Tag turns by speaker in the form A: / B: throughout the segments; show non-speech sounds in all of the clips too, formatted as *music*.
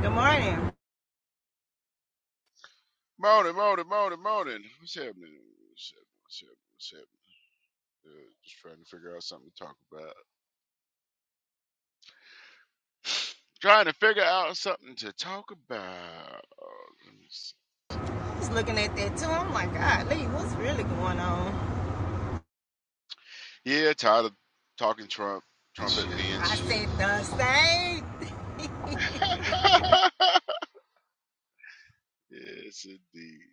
A: Good morning.
B: Morning, morning, morning, morning. What's happening? What's happening? What's happening? What's happening? Uh, just trying to figure out something to talk about. *sighs* trying to figure out something to talk about. Let me see.
A: I was looking at that too. I'm like, God, Lee, what's really going on?
B: Yeah, tired of talking Trump, Trump at me and
A: I
B: shit.
A: said the
B: Um,
A: same. *laughs* thing.
B: *laughs* yes, indeed.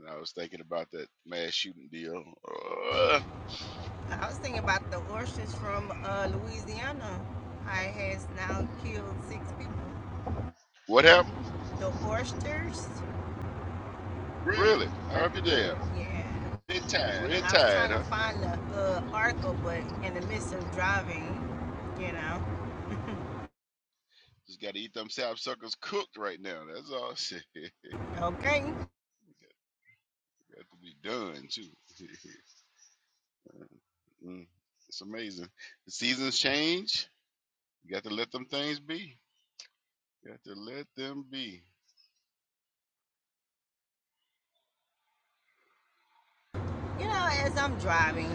B: And I was thinking about that mass shooting deal. Uh,
A: I was thinking about the oysters from uh, Louisiana. I has now killed six people.
B: what happened?
A: The oysters. Really?
B: Really? I'll
A: After
B: be
A: that,
B: damned.
A: Yeah. they tired,
B: Red
A: huh? I was
B: tide,
A: trying
B: huh?
A: to find the uh, article, but in the midst of driving, you know.
B: Just got to eat them sap suckers cooked right now. That's all. *laughs* Shit.
A: Okay.
B: Got to be done too. *laughs* Mm, it's amazing. The seasons change. You got to let them things be. got to let them be.
A: You know, as I'm driving.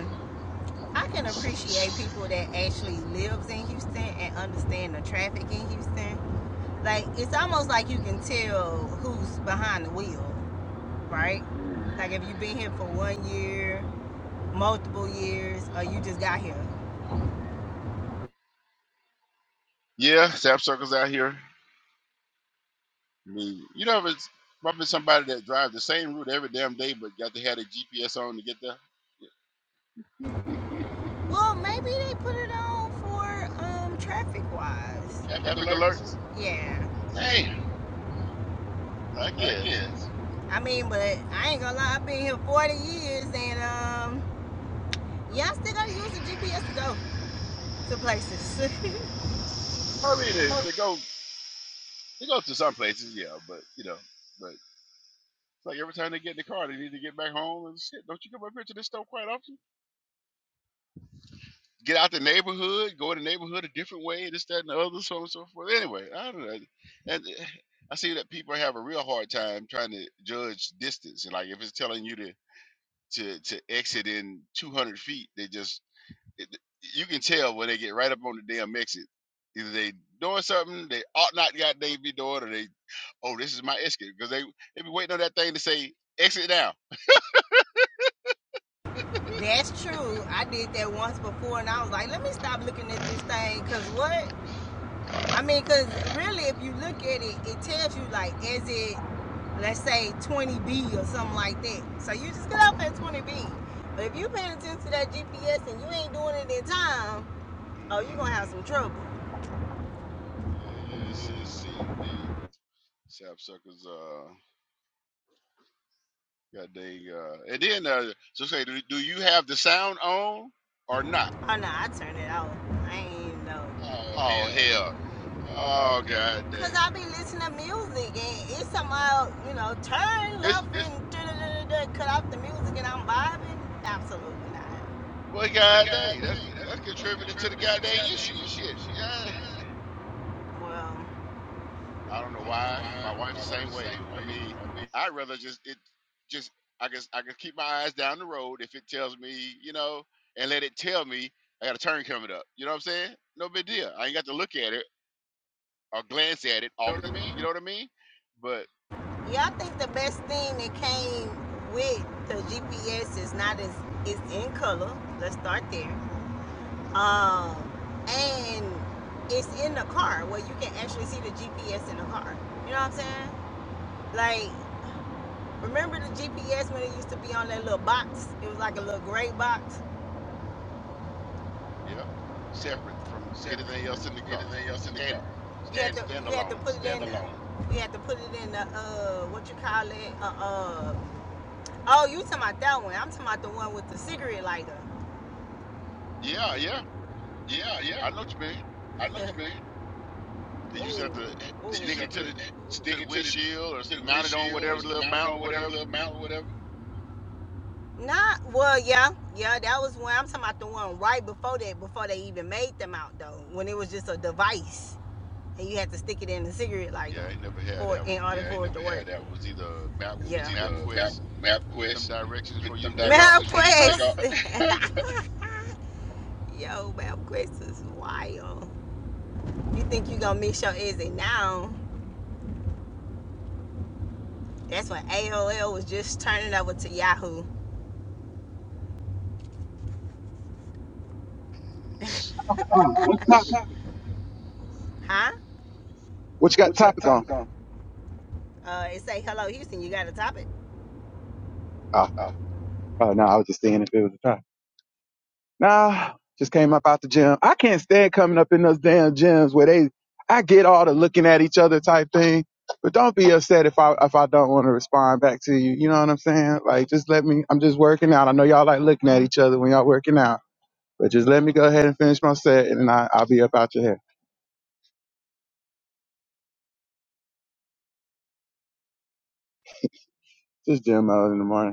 A: I can appreciate people that actually lives in Houston and understand the traffic in Houston. Like it's almost like you can tell who's behind the wheel,
B: Mm.
A: right? Like if you've been here for one year, multiple years, or you just got here.
B: Yeah, sap circles out here. I mean, you know, if it's probably somebody that drives the same route every damn day, but got to have a GPS on to get the
A: Well, maybe they put it on for um traffic wise. Traffic
B: traffic
A: alerts.
B: alerts. Uh,
A: Yeah. Hey,
B: Damn, I
A: I
B: guess.
A: guess. I mean, but I ain't gonna lie, I've been here 40 years and um, y'all still gotta use the GPS to go to places. *laughs*
B: I mean, they, they go they go to some places, yeah, but you know, but it's like every time they get in the car, they need to get back home and shit. Don't you come up here to this store quite often? get out the neighborhood, go in the neighborhood a different way, this, that, and the other, so on and so forth. Anyway, I don't know. And eh, I see that people have a real hard time trying to judge distance. And like if it's telling you to to to exit in 200 feet, they just it, you can tell when they get right up on the damn exit. Either they doing something they ought not got they be doing, or they oh this is my exit because they they be waiting on that thing to say exit now.
A: That's true. I did that once before, and I was like, let me stop looking at this thing, cause what? I mean, cause really, if you look at it, it tells you like, is it, let's say, 20B or something like that. So you just get off at 20B. But if you paying attention to that GPS and you ain't doing it in time, oh, you
B: Mm-hmm.
A: gonna have some trouble.
B: Yes, indeed.
A: Oh
B: Sap suckers. Uh. God dang. Uh, and then, uh, so say, do, do you have the sound on or not?
A: no, I turned it off. I ain't even know. Oh
B: Oh,
A: hell.
B: hell.
A: Oh
B: Oh, God
A: God. Cause
B: dang.
A: I be listening to music and it's somehow, you know, turn
B: It's,
A: left It's and da da da da cut off the music and I'm vibing. Absolutely not.
B: well,
A: well,
B: God
A: God
B: dang. That's,
A: dang. That's
B: that's
A: that's
B: contributing to the
A: contributed to the
B: goddamn
A: goddamn
B: issue.
A: issue.
B: Shit.
A: Shit.
B: Yeah.
A: Yeah. Well,
B: I don't know
A: I don't know
B: why. My
A: why.
B: wife's
A: My
B: the same
A: wife's the
B: way.
A: same
B: I
A: way.
B: mean,
A: I mean,
B: I'd rather just, it, just, I guess I can keep my eyes down the road if it tells me, you know, and let it tell me I got a turn coming up. You know what I'm saying? No big deal. I ain't got to look at it or glance at it
A: you know what I
B: often. You
A: mean?
B: know what I mean? But.
A: yeah, I think the best thing that came with the GPS is not as it's in color. Let's start there. Um, and it's in the car where you can actually see the GPS in the car. You know what I'm saying? Like, remember the GPS when it used to be on that little box? It was like a little gray box.
B: Yep.
A: Yeah.
B: Separate from
A: Separate
B: anything
A: from
B: else in the car.
A: anything else in the
B: Stand
A: car. You had Standard. to
B: stand
A: you had to
B: alone.
A: put it stand in the Standalone. you had to put it in the uh what you call it uh, uh oh you talking about that one? I'm talking about the one with the cigarette lighter.
B: Yeah, yeah.
A: Yeah, yeah.
B: I know what you mean.
A: I know Yeah. them.
B: They
A: Oh,
B: used to have to eh,
A: oh. used
B: stick
A: to
B: it
A: have
B: to
A: to
B: the to
A: stick
B: the
A: it to the
B: windshield or s-
A: to the
B: mount it on
A: windshield
B: whatever
A: or
B: little
A: mount it
B: mount
A: on
B: or
A: whatever
B: whatever.
A: little mount or whatever. Nah, well, yeah, yeah, that was when I'm talking about the one right before that, before they even made them out though, when it was just a device and you had to stick it in the cigarette lighter
B: Yeah, I ain't never had
A: for
B: that
A: in
B: one.
A: order Yeah, for it never to work. that
B: It was
A: one.
B: either map
A: It was Yeah. was either map
B: MapQuest,
A: map
B: print them
A: quest,
B: directions for you
A: them
B: to take off.
A: directions for
B: *laughs*
A: MapQuest. *laughs* *laughs* Yo, MapQuest is wild. You think you gonna miss your exit now? That's when AOL was just turning over to Yahoo.
C: Uh,
A: Oh,
C: what's topic?
A: shoot. *laughs* Huh?
C: What you got
A: What you got
C: topic on?
A: topic on? Uh, it say, hello, Houston, you got a topic?
C: Oh,
A: Oh,
C: oh no, I was just seeing if it was a topic. Nah, just came up out the gym. I can't stand coming up in those damn gyms where they. I get all the looking at each other type thing, but don't be upset if I if I don't want to respond back to you. You know what I'm saying? Like, just let me. I'm just working out. I know y'all like looking at each other when y'all working out, but just let me go ahead and finish my set, and then I, I'll be up out your hair. Just gym mode in the morning.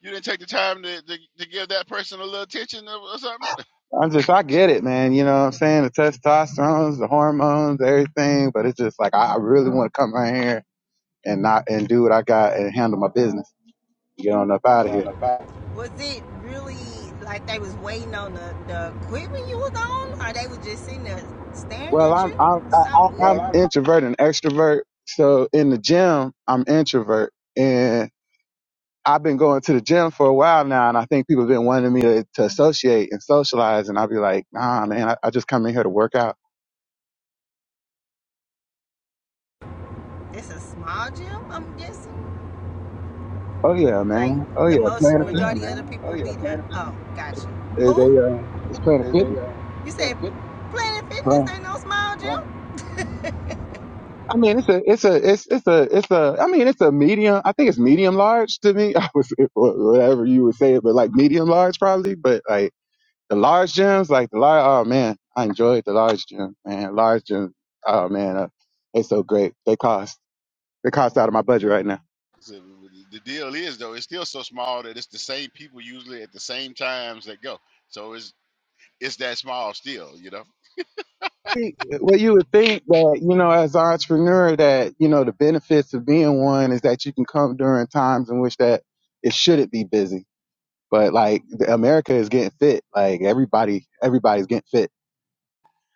B: you didn't take the time to, to, to give that person a little attention or, or something. *laughs*
C: I'm just, I get it, man. You know what I'm saying? The testosterone, the hormones, everything. But it's just like, I really want to come right here and not, and do what I got and handle my business. Get on up out of
A: On
C: here.
A: the back. Was it really like they was waiting on the, the equipment you was on? Or they was just sitting there staring
C: Well,
A: at
C: I'm,
A: you?
C: I'm, I,
A: Something
C: I- am
A: well, weird.
C: introvert and extrovert. So in the gym, I'm introvert and I've been going to the gym for a while now. And I think people have been wanting me to, to associate and socialize. And I'll be like, nah, man, I, I just come in here to work out.
A: I, It's a small gym, I'm guessing?
C: Oh yeah,
A: Like,
C: man. Oh yeah.
A: the most
C: playing
A: Oh,
C: Planet
A: yeah, majority
C: fitness.
A: yeah, of the people Oh, yeah, be there. Oh, gotcha.
C: Is a,
A: Who?
C: uh, it's planet
A: is they
C: fitness.
A: uh, You said Planet
C: huh?
A: Fitness ain't no small gym? What?
C: I mean, it's a, it's a, it's, it's a, it's a. I mean, it's a medium. I think it's medium large to me. *laughs* I was whatever you would say it, but like medium large probably. But like the large gyms, like the large. Oh man, I enjoyed the large gym, man. Large gym. Oh man, uh, they so great. They cost. They cost out of my budget right now.
B: So, the the deal is though, it's still so small that it's the same people usually at the same times that go. So it's it's that small still, you know.
C: Think- Well, you would think that you know, as an entrepreneur, that you know the benefits of being one is that you can come during times in which that it shouldn't be busy But like the- America is getting fit. Like everybody, everybody's getting fit.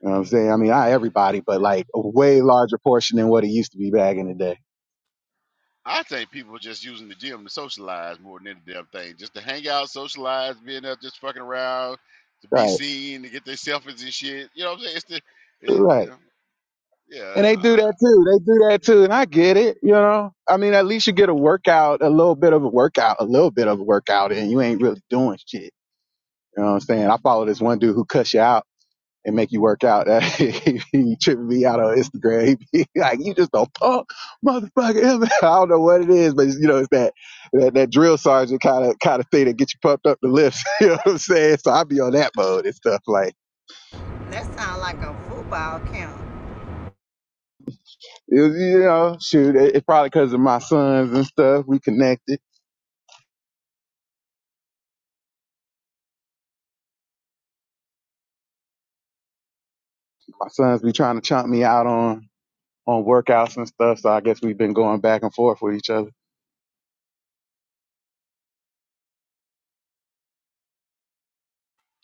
C: You know what I'm saying? I mean, not everybody, but like a way larger portion than what it used to be back in the day.
B: I think people are just using the gym to socialize more than any damn thing, just to hang out, socialize, being there, just fucking around, to be
C: Right,
B: seen, to get their selfies and shit. You know what I'm saying? It's the, it,
C: right.
B: yeah, yeah.
C: And they
B: I,
C: do that too. They do that too. And I get it. You know, I mean, at least you get a workout, a little bit of a workout, a little bit of a workout, and you ain't really doing shit. You know what I'm saying? I follow this one dude who cuts you out. and make you work out. *laughs* he tripping me out on Instagram. He be *laughs* like, you just a punk motherfucker. *laughs* I don't know what it is, but you know, it's that, that, that drill sergeant kind of, kind of thing that gets you pumped up the lifts. *laughs* you know what I'm saying? So I be on that mode and stuff. Like,
A: That sound like a football camp.
C: it was, you know, shoot, it, it probably cause of my sons and stuff. We connected. My sons be trying to chomp me out on, on workouts and stuff. So I guess we've been going back and forth with each other.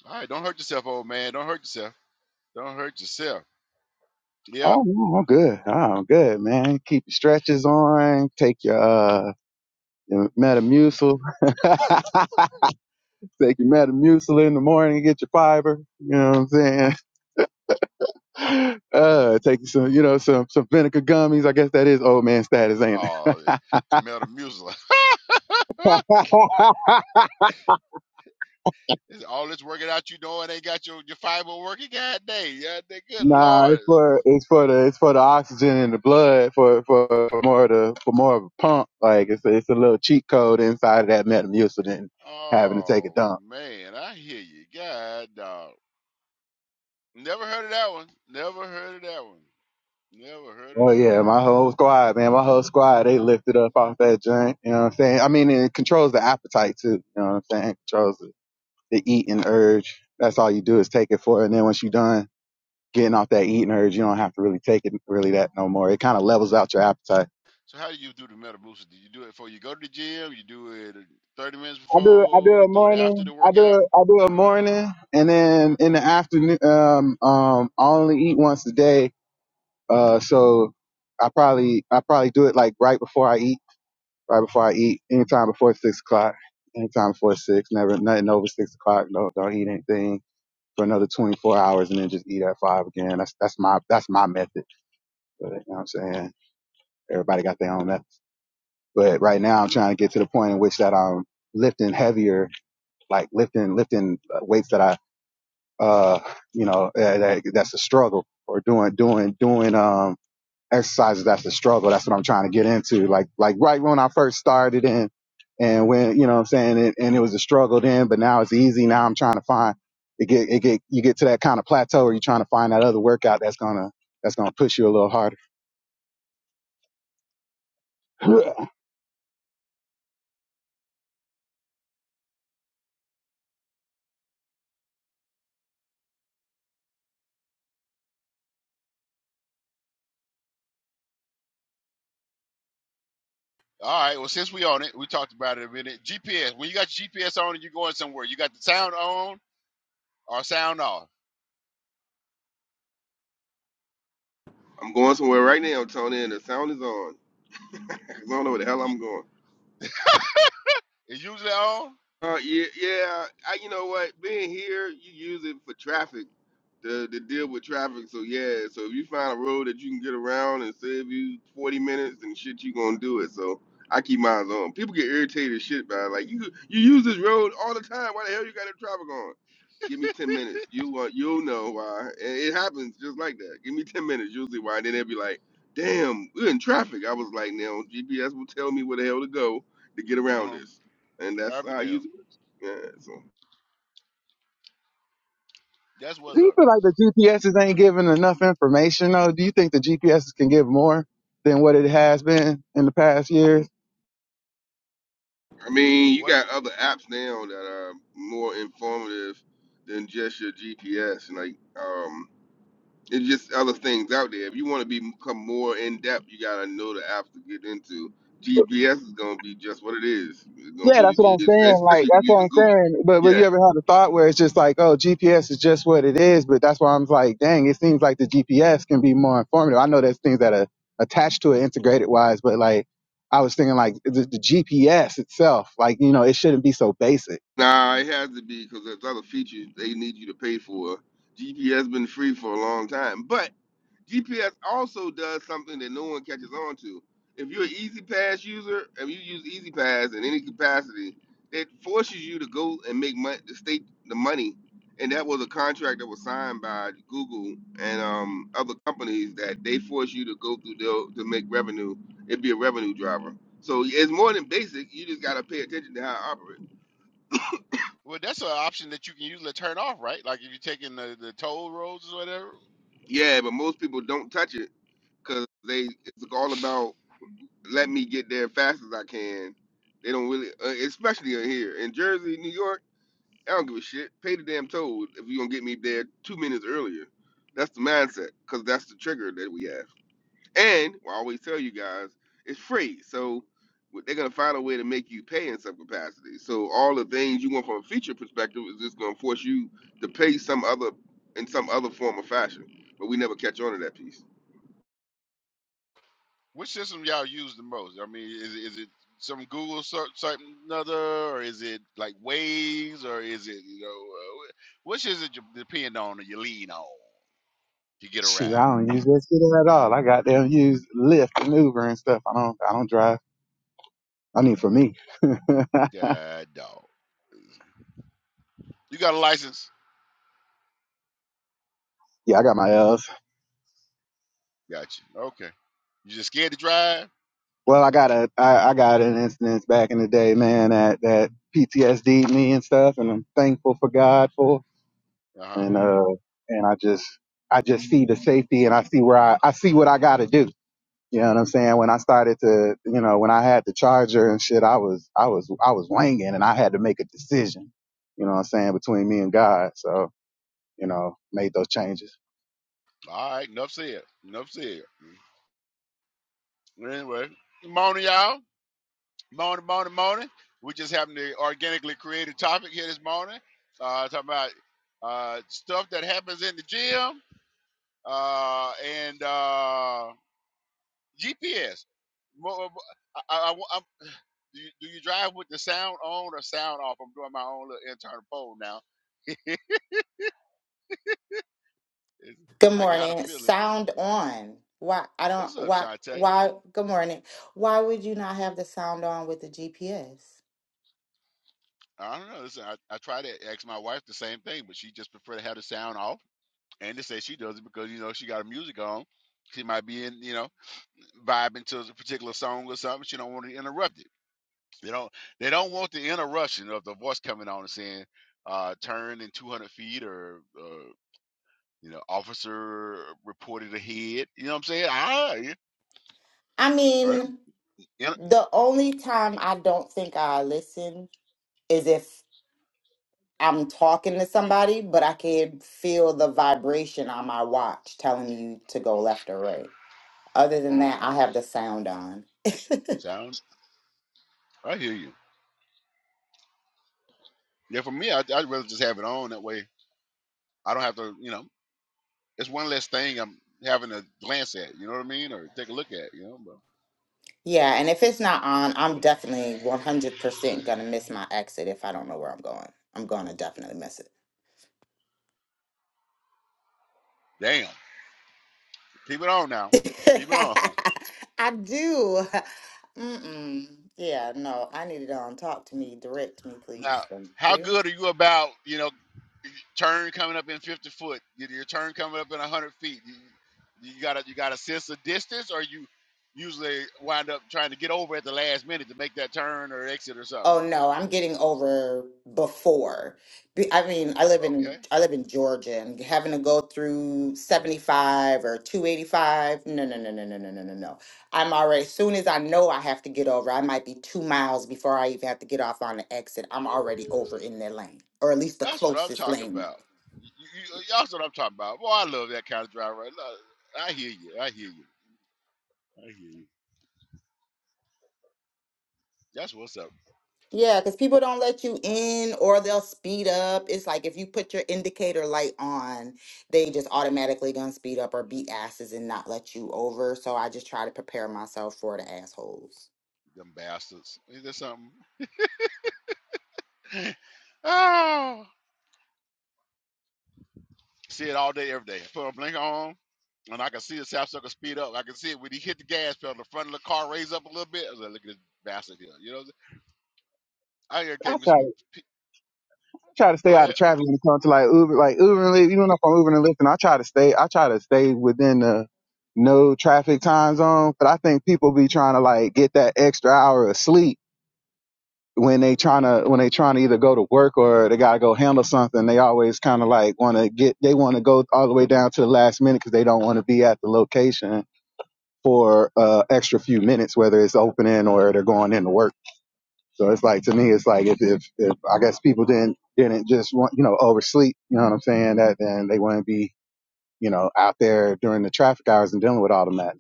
B: all right, don't hurt yourself, old man. Don't hurt yourself. Don't hurt yourself. Yep.
C: Oh, no, I'm good. Oh, I'm good, man. Keep your stretches on. Take your, uh, You know, Metamucil. *laughs* take your Metamucil in the morning, and get your fiber. You know what I'm saying? *laughs* Uh, take you some, you know, some some vinegar gummies. I guess that is old man status, ain't it?
B: Oh,
C: *laughs*
B: metal music. *laughs* It's all this working out you doing ain't got your, your fiber working. God dang, yeah, good
C: Nah,
B: lord.
C: it's for it's for the it's for the oxygen in the blood for for, for more of the for more of a pump. Like it's a, it's a little cheat code inside of that Metamucil than having to take a
B: Oh
C: dump.
B: man, I hear you. God dog. Never heard of that one. Never heard of that one. Never heard of
C: Oh
B: that
C: yeah,
B: one.
C: my whole squad, man, my whole squad, they lifted up off that joint. You know what I'm saying? I mean, and it controls the appetite too. You know what I'm saying? It controls the, the eating urge. That's all you do is take it for, it. and then once you're done getting off that eating urge, you don't have to really take it really that no more. It kind of levels out your appetite.
B: So how do you do the metal boosters? Do you do it before you go to the gym? You do it 30 minutes
C: I do, I do
B: before?
C: a
B: Do it after
C: morning,
B: the
C: I
B: workout?
C: do, I do a morning, and then in the afternoon, um, um, I only eat once a day. Uh, so I probably, I probably do it like right before I eat right before I eat. Anytime before six o'clock. Anytime before six. Never nothing over six o'clock. No, don't eat anything for another 24 hours, and then just eat at five again. That's that's my that's my method. But you know what I'm saying? Everybody got their own method. But right now, I'm trying to get to the point in which that I'm lifting heavier, like lifting lifting uh, weights that I uh you know uh, that, that's a struggle or doing doing doing um. exercises after struggle. That's what I'm trying to get into. Like, like right when I first started in and when, you know what I'm saying? And, and it was a struggle then, but now it's easy. Now I'm trying to find it get, it get, you get to that kind of plateau where you're trying to find that other workout that's going to, that's going to push you a little harder. *laughs*
B: All right. Well, since we on it, we talked about it a minute. GPS. When you got your GPS on and you're going somewhere, you got the sound on or sound off.
D: I'm going somewhere right now, Tony, and the sound is on. *laughs* 'Cause I don't know where the hell I'm going.
B: It's usually on.
D: Uh, yeah, yeah. I, you know what? Being here, you use it for traffic to, to deal with traffic. So yeah, so if you find a road that you can get around and save you forty minutes and shit, you gonna do it. So I keep mine on. People get irritated as shit by it. like you. You use this road all the time. Why the hell you got the traffic on? Give me ten minutes. You uh, you'll know why. And it happens just like that. Give me ten minutes. Usually why. then they'll be like, damn, we're in traffic. I was like, now GPS will tell me where the hell to go to get around
B: Uh-huh.
D: this and that's
B: Every
D: how I
B: damn.
D: use it. Yeah, so
B: That's
C: Do
B: what's
C: you
B: up.
C: feel like the GPSs ain't giving enough information though? Do you think the GPSs can give more than what it has been in the past years?
D: I mean, you
B: What?
D: got other apps now that are more informative than just your GPS. Like, um, it's just other things out there. If you want to be- become more in depth, you gotta know the apps to get into. GPS is gonna be just what it is. It's gonna
C: Yeah,
D: be the
C: that's what
D: G,
C: I'm saying. Like,
D: especially if
C: that's
D: you're
C: what
D: using
C: I'm
D: Google.
C: saying. But but
D: Yeah.
C: you ever had a thought where it's just like, oh, GPS is just what it is. But that's why I'm like, dang, it seems like the GPS can be more informative. I know there's things that are attached to it, integrated wise, but like, I was thinking like the, the GPS itself, like you know, it shouldn't be so basic.
D: Nah, it has to be because there's other features they need you to pay for. GPS been free for a long time, but GPS also does something that no one catches on to. If you're an Easy Pass user and you use Easy Pass in any capacity, it forces you to go and make money, to state the money, and that was a contract that was signed by Google and um, other companies that they force you to go through their, to make revenue. It'd be a revenue driver. So yeah, it's more than basic. You just gotta pay attention to how it operates.
B: Well, that's an option that you can usually turn off, right? Like if you're taking the, the toll roads or whatever.
D: Yeah, but most people don't touch it because they it's all about let me get there fast as I can. They don't really, uh, especially in here in Jersey, New York. I don't give a shit. Pay the damn toll if you are gonna get me there two minutes earlier. That's the mindset, cause that's the trigger that we have. And well, I always tell you guys, it's free, so they're gonna find a way to make you pay in some capacity. So all the things you want from a feature perspective is just gonna force you to pay some other in some other form or fashion. But we never catch on to that piece.
B: Which system y'all use the most? I mean, is it, is it some Google search, something another, or is it like Waze, or is it you know, uh, wh- which is it you depend on or you lean on to get around?
C: Shoot, I don't use that shit at all. I goddamn use Lyft and Uber and stuff. I don't I don't drive. I mean, for me, *laughs* yeah,
B: God dog, you got a license?
C: I got my L's.
B: Got you. Okay, you just scared to drive?
C: Well, I got a, I, I got an incident back in the day, man, that, that PTSD'd me and stuff, and I'm thankful for God for,
B: Uh huh.
C: and, uh, and I just, I just see the safety and I see where I, I see what I gotta do. You know what I'm saying? When I started to, you know, when I had the charger and shit, I was, I was, I was wanging and I had to make a decision, you know what I'm saying, between me and God. So, you know, made those changes.
B: All right, enough said. Enough said. Mm-hmm. Anyway, good morning, y'all. Morning, morning, morning. We just happened to organically create a topic here this morning, uh, talking about uh, stuff that happens in the gym uh, and uh, GPS. Mo- I, I, I, I'm- do, you, do you drive with the sound on or sound off? I'm doing my own little internal poll now. It's-
E: Good
B: I got a
E: morning.
B: feeling.
E: Sound on. Why I don't
B: What's up,
E: why
B: Shantae?
E: why good morning. Why would you not have the sound on with the GPS?
B: I don't know. Listen, I, I try to ask my wife the same thing, but she just prefer to have the sound off. And to say she does it because you know she got her music on. She might be in, you know. vibing to a particular song or something, she don't want to interrupt it. You know, they don't want the interruption of the voice coming on and saying, uh, turn in 200 feet or, uh, you know, officer reported ahead. You know what I'm saying? Ah, yeah,
E: I
B: uh,
E: mean,
B: in-
E: the only time I don't think I listen is if I'm talking to somebody, but I can feel the vibration on my watch telling you to go left or right. Other than
B: uh,
E: that, I have the sound on.
B: sound, I hear you. Yeah, for me, I, I'd rather just have it on that way. I don't have to, you know, it's one less thing I'm having to glance at, you know what I mean? Or take a look at, you know, but,
E: Yeah, and if it's not on, I'm
B: but
E: definitely 100% gonna miss my exit if I don't know where I'm going. I'm gonna definitely miss it.
B: damn, keep it on now. Keep it on.
E: *laughs* I do. Mm-mm. Yeah, no, I need it on. Talk to me, direct me,
B: Now,
E: please. Thank
B: how
E: you.
B: good are you about you know turn coming up in fifty foot? Your your turn coming up in hundred feet. You, you got to you got to sense of distance, or you usually wind up trying to get over at the last minute to make that turn or exit or something.
E: Oh no, I'm getting over before. Be- I mean, I live in
B: Okay,
E: I live in Georgia, and having to go through 75 or 285. No, no, no, no, no, no, no, no, no. I'm already. As soon as I know I have to get over, I might be two miles before I even have to get off on the exit. I'm already over
B: Ooh,
E: in their lane, or at least the
B: that's what I'm
E: closest
B: talking
E: lane.
B: about. You, you, that's what I'm talking about. Boy, I love that kind of drive. Right, Look, I hear you. I hear you. I hear you. That's what's up,
E: Yeah, because people don't let you in or they'll speed up. It's like if you put your indicator light on, they just automatically gonna speed up or be asses and not let you over. So I just try to prepare myself for the assholes.
B: them bastards. Is there something? *laughs* Oh. See it all day, every day. Put a blinker on, and I can see the South Circle speed up. I can see it when he hit the gas pedal, the front of the car raise up a little bit. I was like, look at this bastard here. You know, what I'm saying? I gotta take
C: I
B: me
C: try
B: some.
C: try to stay
B: Go
C: out
B: ahead.
C: of traffic when it comes to like Uber, like Uber and Lyft. You know, if I'm Uber and Lyft, and I try to stay, I try to stay within the no traffic time zone. But I think people be trying to like get that extra hour of sleep when they trying to when they trying to either go to work or they gotta go handle something. They always kind of like want to get they want to go all the way down to the last minute because they don't want to be at the location for uh extra few minutes, whether it's opening or they're going into work. So it's like to me, it's like if if, if I guess people didn't didn't just want you know oversleep, you know what I'm saying? That then they wouldn't be you know out there during the traffic hours and dealing with all the madness.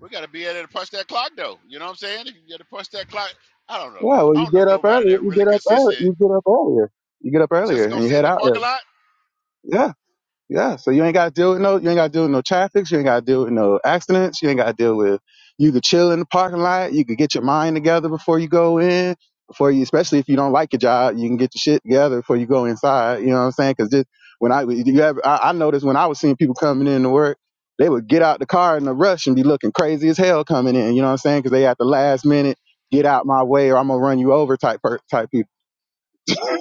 B: We gotta be able to punch that clock though. You know what I'm saying? If you gotta punch that clock, I don't know.
C: Yeah, well,
B: I
C: you
B: don't know
C: get up
B: nobody
C: earlier.
B: that
C: You
B: really
C: get up early.
B: consistent
C: You get up earlier. You get up
B: just
C: earlier
B: to go
C: and you
B: sit in
C: head
B: the
C: out
B: parking
C: early.
B: lot.
C: Yeah. Yeah, so you ain't got to deal with no, you ain't got to deal with no traffic. You ain't got to deal with no accidents. You ain't got to deal with. You could chill in the parking lot. You could get your mind together before you go in. Before you, especially if you don't like your job, you can get your shit together before you go inside. You know what I'm saying? Because just when I, you ever, I, I noticed when I was seeing people coming in to work, they would get out the car in a rush and be looking crazy as hell coming in. You know what I'm saying? Because they at the last minute, get out my way or I'm gonna run you over type per, type people. *laughs*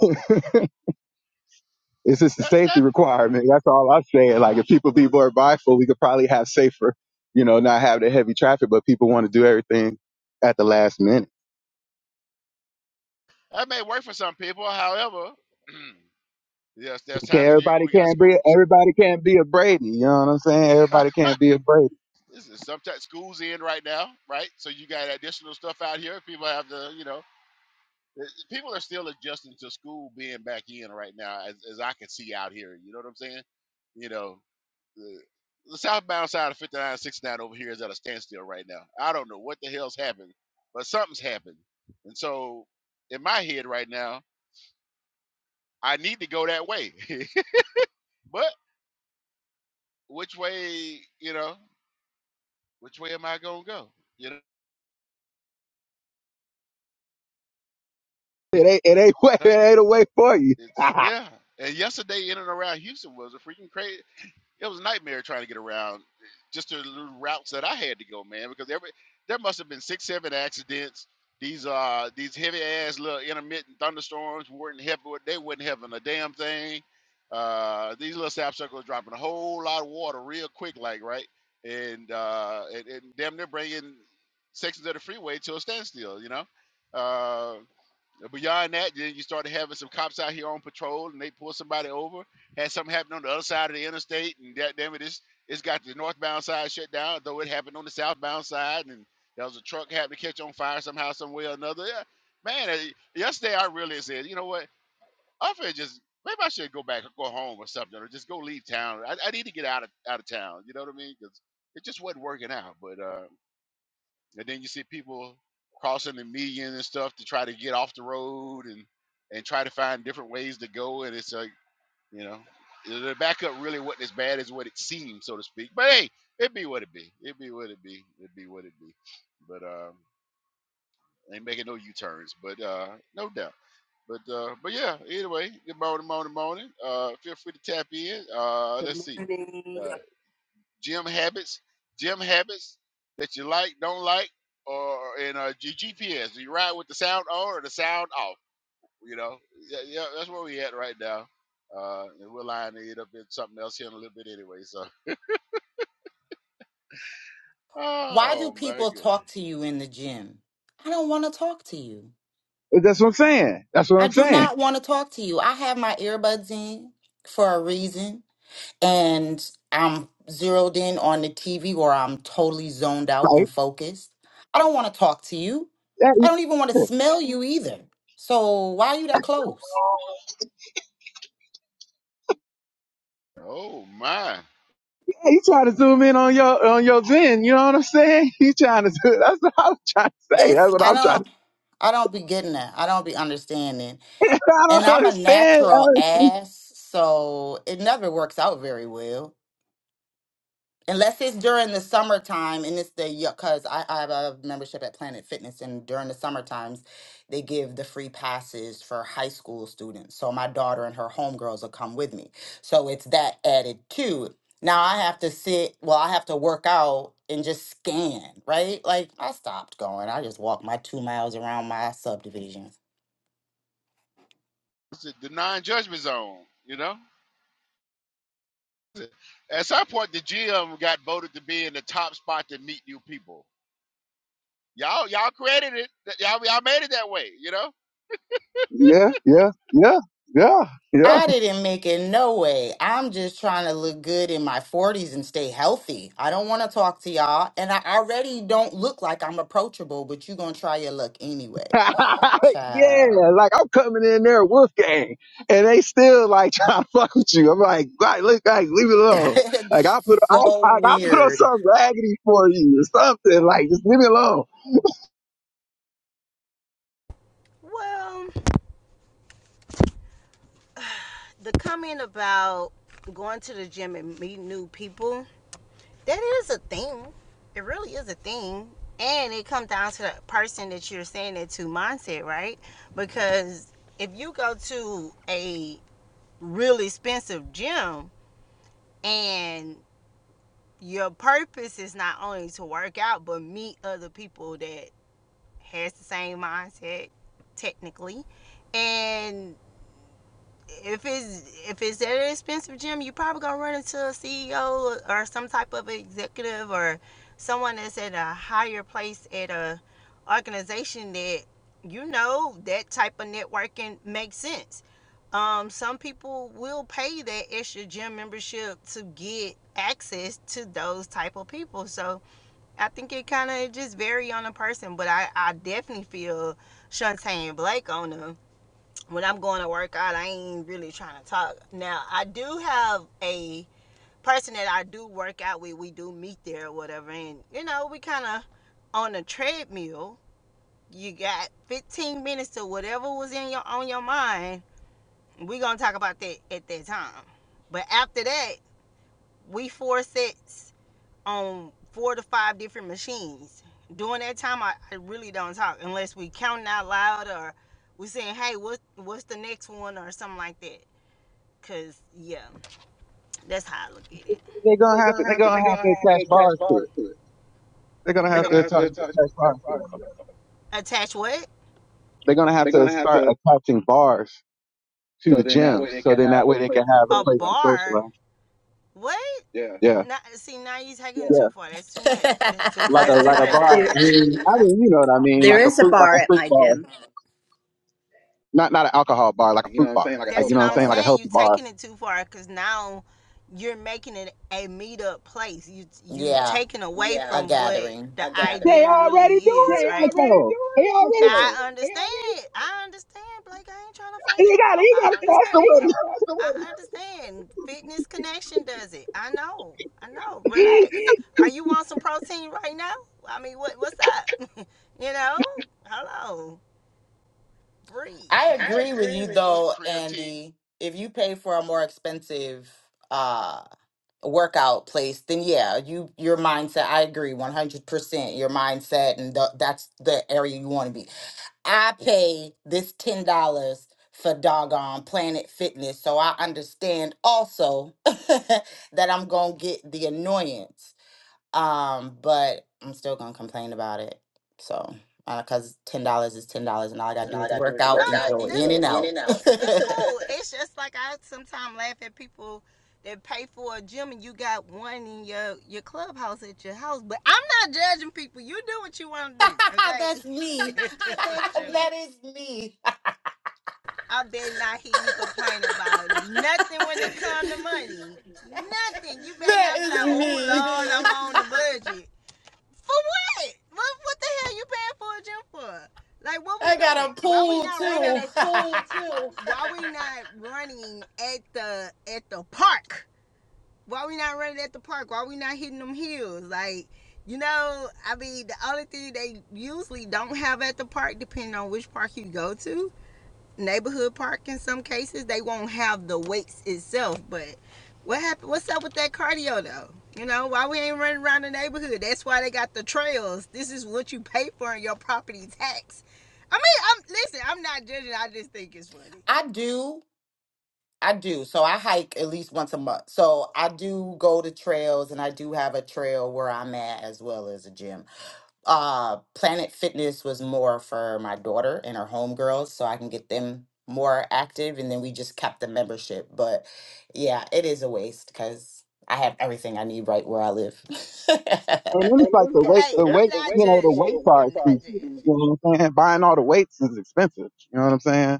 C: It's just a
B: That
C: safety
B: that
C: requirement. That's all I'm saying. Like if people be more mindful, we could probably have safer, you know, not have the heavy traffic, but people want to do everything at the last minute.
B: that may work for some people. However, *clears throat* yes, there's
C: Okay,
B: times of the year when
C: everybody
B: we got
C: can't be
B: schools.
C: everybody can't be a Brady. You know what I'm saying? Everybody can't be a Brady.
B: *laughs* this is sometimes schools in right now, right? So you got additional stuff out here. People have to, you know. Uh, People are still adjusting to school being back in right now, as, as I can see out here. You know what I'm saying? You know, the, the southbound side of 59 and 69 over here is at a standstill right now. I don't know what the hell's happened, but something's happened. And so, in my head right now, I need to go that way. *laughs* but which way, you know, which way am I going to go? You know?
C: It ain't it ain't way *laughs* it
B: *laughs*
C: ain't a way for you.
B: It's yeah. And yesterday in and around Houston was a freaking crazy. it was a nightmare trying to get around just the little routes that I had to go, man, because every there must have been six, seven accidents. These uh these heavy ass little intermittent thunderstorms weren't helping they weren't helping a damn thing. Uh these little sapsuckers dropping a whole lot of water real quick, like right? And uh and, and damn near bringing sections of the freeway to a standstill, you know? Uh uh, Beyond that, then you started having some cops out here on patrol, and they pulled somebody over. Had something happen on the other side of the interstate, and that damn it, it's it's got the northbound side shut down, though it happened on the southbound side, and there was a truck had to catch on fire somehow, some way or another. Yeah, man, uh, yesterday I really said, you know what, I'm finna just maybe I should go back or go home or something, or just go leave town. I, I need to get out of out of town. You know what I mean? Because it just wasn't working out. But uh, and then you see people crossing the median and stuff to try to get off the road and and try to find different ways to go and it's like you know the backup really wasn't as bad as what it seemed so to speak but hey it be what it be it be what it be it be what it be but um ain't making no u-turns but uh no doubt but uh but yeah anyway good morning morning morning uh feel free to tap in uh
F: Good
B: let's see
F: morning.
B: Uh, gym habits, gym habits that you like, don't like, or and uh, your GPS. Do you ride with the sound on or the sound off? You know, yeah, yeah that's where we at right now. Uh, and we're lining it up in something else here in a little bit anyway. So,
E: Why do
B: oh my
E: people
B: god,
E: talk to you in the gym? I don't want to talk to you.
C: That's what I'm saying. That's what
E: I
C: I'm
E: do
C: saying.
E: not
C: *laughs*
E: want to talk to you. I have my earbuds in for a reason. and I'm zeroed in on the TV or I'm totally zoned out
C: Like
E: and focused. I don't want to talk to you.
C: yeah,
E: I
C: you
E: don't even want to
C: *laughs*
E: smell you either. So why are you that close?
B: oh my,
C: yeah, you trying to zoom in on your on your Zen, you know what I'm saying? *laughs* You trying to do that's what I'm trying to say. That's
E: It's
C: what
E: I
C: I'm trying to
E: don't I don't be getting that. I don't be understanding.
C: *laughs* I
E: And
C: don't
E: I'm a
C: understand
E: natural ass, so it never works out very well. unless it's during the summertime and it's the because I, I have a membership at planet fitness and during the summer times they give the free passes for high school students so my daughter and her homegirls will come with me so it's that added too now i have to sit well i have to work out and just scan right like i stopped going i just walked my two miles around my subdivision
B: it's the non-judgment zone. You know, at some point the gym got voted to be in the top spot to meet new people. Y'all, y'all created it. Y'all, y'all made it that way. You know,
C: Yeah, yeah, yeah, yeah, yeah.
E: I didn't make it no way. I'm just trying to look good in my 40s and stay healthy. I don't want to talk to y'all. And I already don't look like I'm approachable, but you going to try your luck anyway.
C: *laughs*
E: Child.
C: yeah, like I'm coming in there wolf gang. And they still like *laughs* trying to fuck with you. I'm like, right, look, guys, leave it
E: *laughs*
C: alone. Like
E: It's
C: I'll put I
E: so
C: I I'll
E: weird.
C: put on some raggedy for you or something. Like just leave me alone.
A: Well, the comment about going to the gym and meeting new people, that is a thing. It really is a thing. And it comes down to the person that you're saying it to mindset, right? Because if you go to a really expensive gym and your purpose is not only to work out but meet other people that has the same mindset technically and if it's if it's at an expensive gym, you probably gonna run into a CEO or some type of executive or someone that's at a higher place at a organization that you know that type of networking makes sense. Um, some people will pay that extra gym membership to get access to those type of people. So I think it kind of just vary on a person, but I, I definitely feel Shantae Blake on them when I'm going to work out, I ain't really trying to talk. Now, I do have a person that I do work out with. We do meet there or whatever. And, you know, we kind of on a treadmill. You got 15 minutes to whatever was in your on your mind. we going to talk about that at that time. But after that, we four sets on four to five different machines. During that time, I, I really don't talk unless we counting out loud or we saying, hey, what, what's the next one or something like that Cause yeah, that's how I look at it.
C: They're gonna
A: They're
C: have to
A: gonna
C: they're
A: have to.
C: gonna
A: They're gonna
C: have to
A: have to
C: attach
A: attach
C: bars to it.
A: bars to it.
C: They're gonna
A: They're
C: have to
A: gonna have to
C: attach,
A: attach,
C: attach bars
A: attach
C: to
A: bars
C: it.
A: to it. attach what?
C: They're gonna have
A: They're
C: to
A: gonna have
C: start
A: to.
C: attaching bars to the
A: So then that
C: gyms
A: way they
C: so
A: can
C: then that
A: have a
C: way they can
A: place to
C: have a
A: A
C: place to
A: bar?
C: socialize.
A: What? Yeah.
C: Yeah.
A: Not see now you are taking Yeah. it
C: Yeah.
A: too far. That's too
E: *laughs*
A: much. That's too.
C: like a
A: Like a That's a, too
C: like a
A: like much. a
C: bar. I
A: bar. *laughs* yeah,
C: mean,
A: yeah.
C: I mean, you know what I mean,
F: There
C: like a
F: is a
C: fruit, like
F: bar
C: a
F: at
C: fruit
F: my
C: bar,
F: gym.
C: not not an alcohol bar, like a
A: You know
C: fruit
A: what I'm
C: bar,
A: saying? Like That's
C: like you
A: healthy
C: know
A: what
C: what I'm
A: bar. I'm
C: saying, like a
A: saying. You're
C: healthy bar.
A: taking it too far because now you're making it a meetup place. You you
E: yeah,
A: taking away Yeah,
E: a
A: from what
E: gathering.
A: the gathering.
C: They
A: idea it. really
C: already
A: They is, they
C: doing
A: right?
C: it
A: already
C: though. They
A: doing that
C: already
A: I understand. I understand, Blake. I ain't trying to fight
C: they
A: you, bro.
C: got they
A: I
C: got to
A: *laughs*
C: foster women,
A: understand. I understand. Fitness connection does it. I know. I know. Relax. *laughs* Are you on some protein right now? I mean, what what's up? *laughs* you know? Hello. Breathe.
B: so
E: I
B: get your
A: I
E: agree with
A: agree
E: you,
A: with you.
B: get your
E: though,
B: creatine
E: Andy. If you pay for a more expensive uh, workout place then yeah you your mindset i agree 100% your mindset and the, that's the area you want to be i pay this $10 for doggone planet fitness so i understand also *laughs* that i'm gonna get the annoyance um but i'm still gonna complain about it so because $10 is $10 and all i gotta do is work
A: No, work
E: out
A: no,
E: and
A: out
E: go
A: and
E: in
A: go
E: and out *laughs*
A: out. *laughs* that's cool. It's just like I sometimes laugh at people that pay for a gym and you got one in your your clubhouse at your house. But I'm not judging people. You do what you want to do,
E: *laughs*
A: okay?
E: that's me
A: *laughs* That's
E: *laughs*
A: Sure. me.
E: that is me
A: I better not hear you complain about *laughs* nothing when it comes to
E: *laughs*
A: money. Nothing. You better
E: That
A: not be like,
E: is
A: oh
E: me.
A: Lord, I'm on the budget. For what? What what the hell you paying for a gym for? Like what
E: *laughs*
A: we
E: I got
A: doing?
E: a
A: Why we
E: pool
A: not I running I
E: too.
A: got a
E: *laughs*
A: pool too. *laughs* why we not running at the at the park? Why we not running at the park? Why we not hitting them hills? Like, you know, I mean, the only thing they usually don't have at the park, depending on which park you go to, neighborhood park in some cases. They won't have the weights itself, but what happened? What's up with that cardio though? You know why we ain't running around the neighborhood? That's why they got the trails. This is what you pay for in your property tax. I mean, I'm listen. I'm not judging. I just think it's funny.
E: I do. I do. So I hike at least once a month. So I do go to trails and I do have a trail where I'm at as well as a gym. Uh Planet Fitness was more for my daughter and her homegirls so I can get them more active and then we just kept the membership. But yeah, it is a waste because I have everything I need right where I live. *laughs*
C: and
A: And
C: then it's
A: it
C: like
A: is
C: the
A: like
C: weight
A: Hey,
C: the
A: the weight, I'm the
C: weight
A: not the weight,
C: you know
A: judging. you
C: the
A: know, the
C: weights
A: weight
C: are
A: I'm not
C: expensive.
A: judging.
C: You know what I'm saying? Buying all the weights is expensive. You know what I'm saying?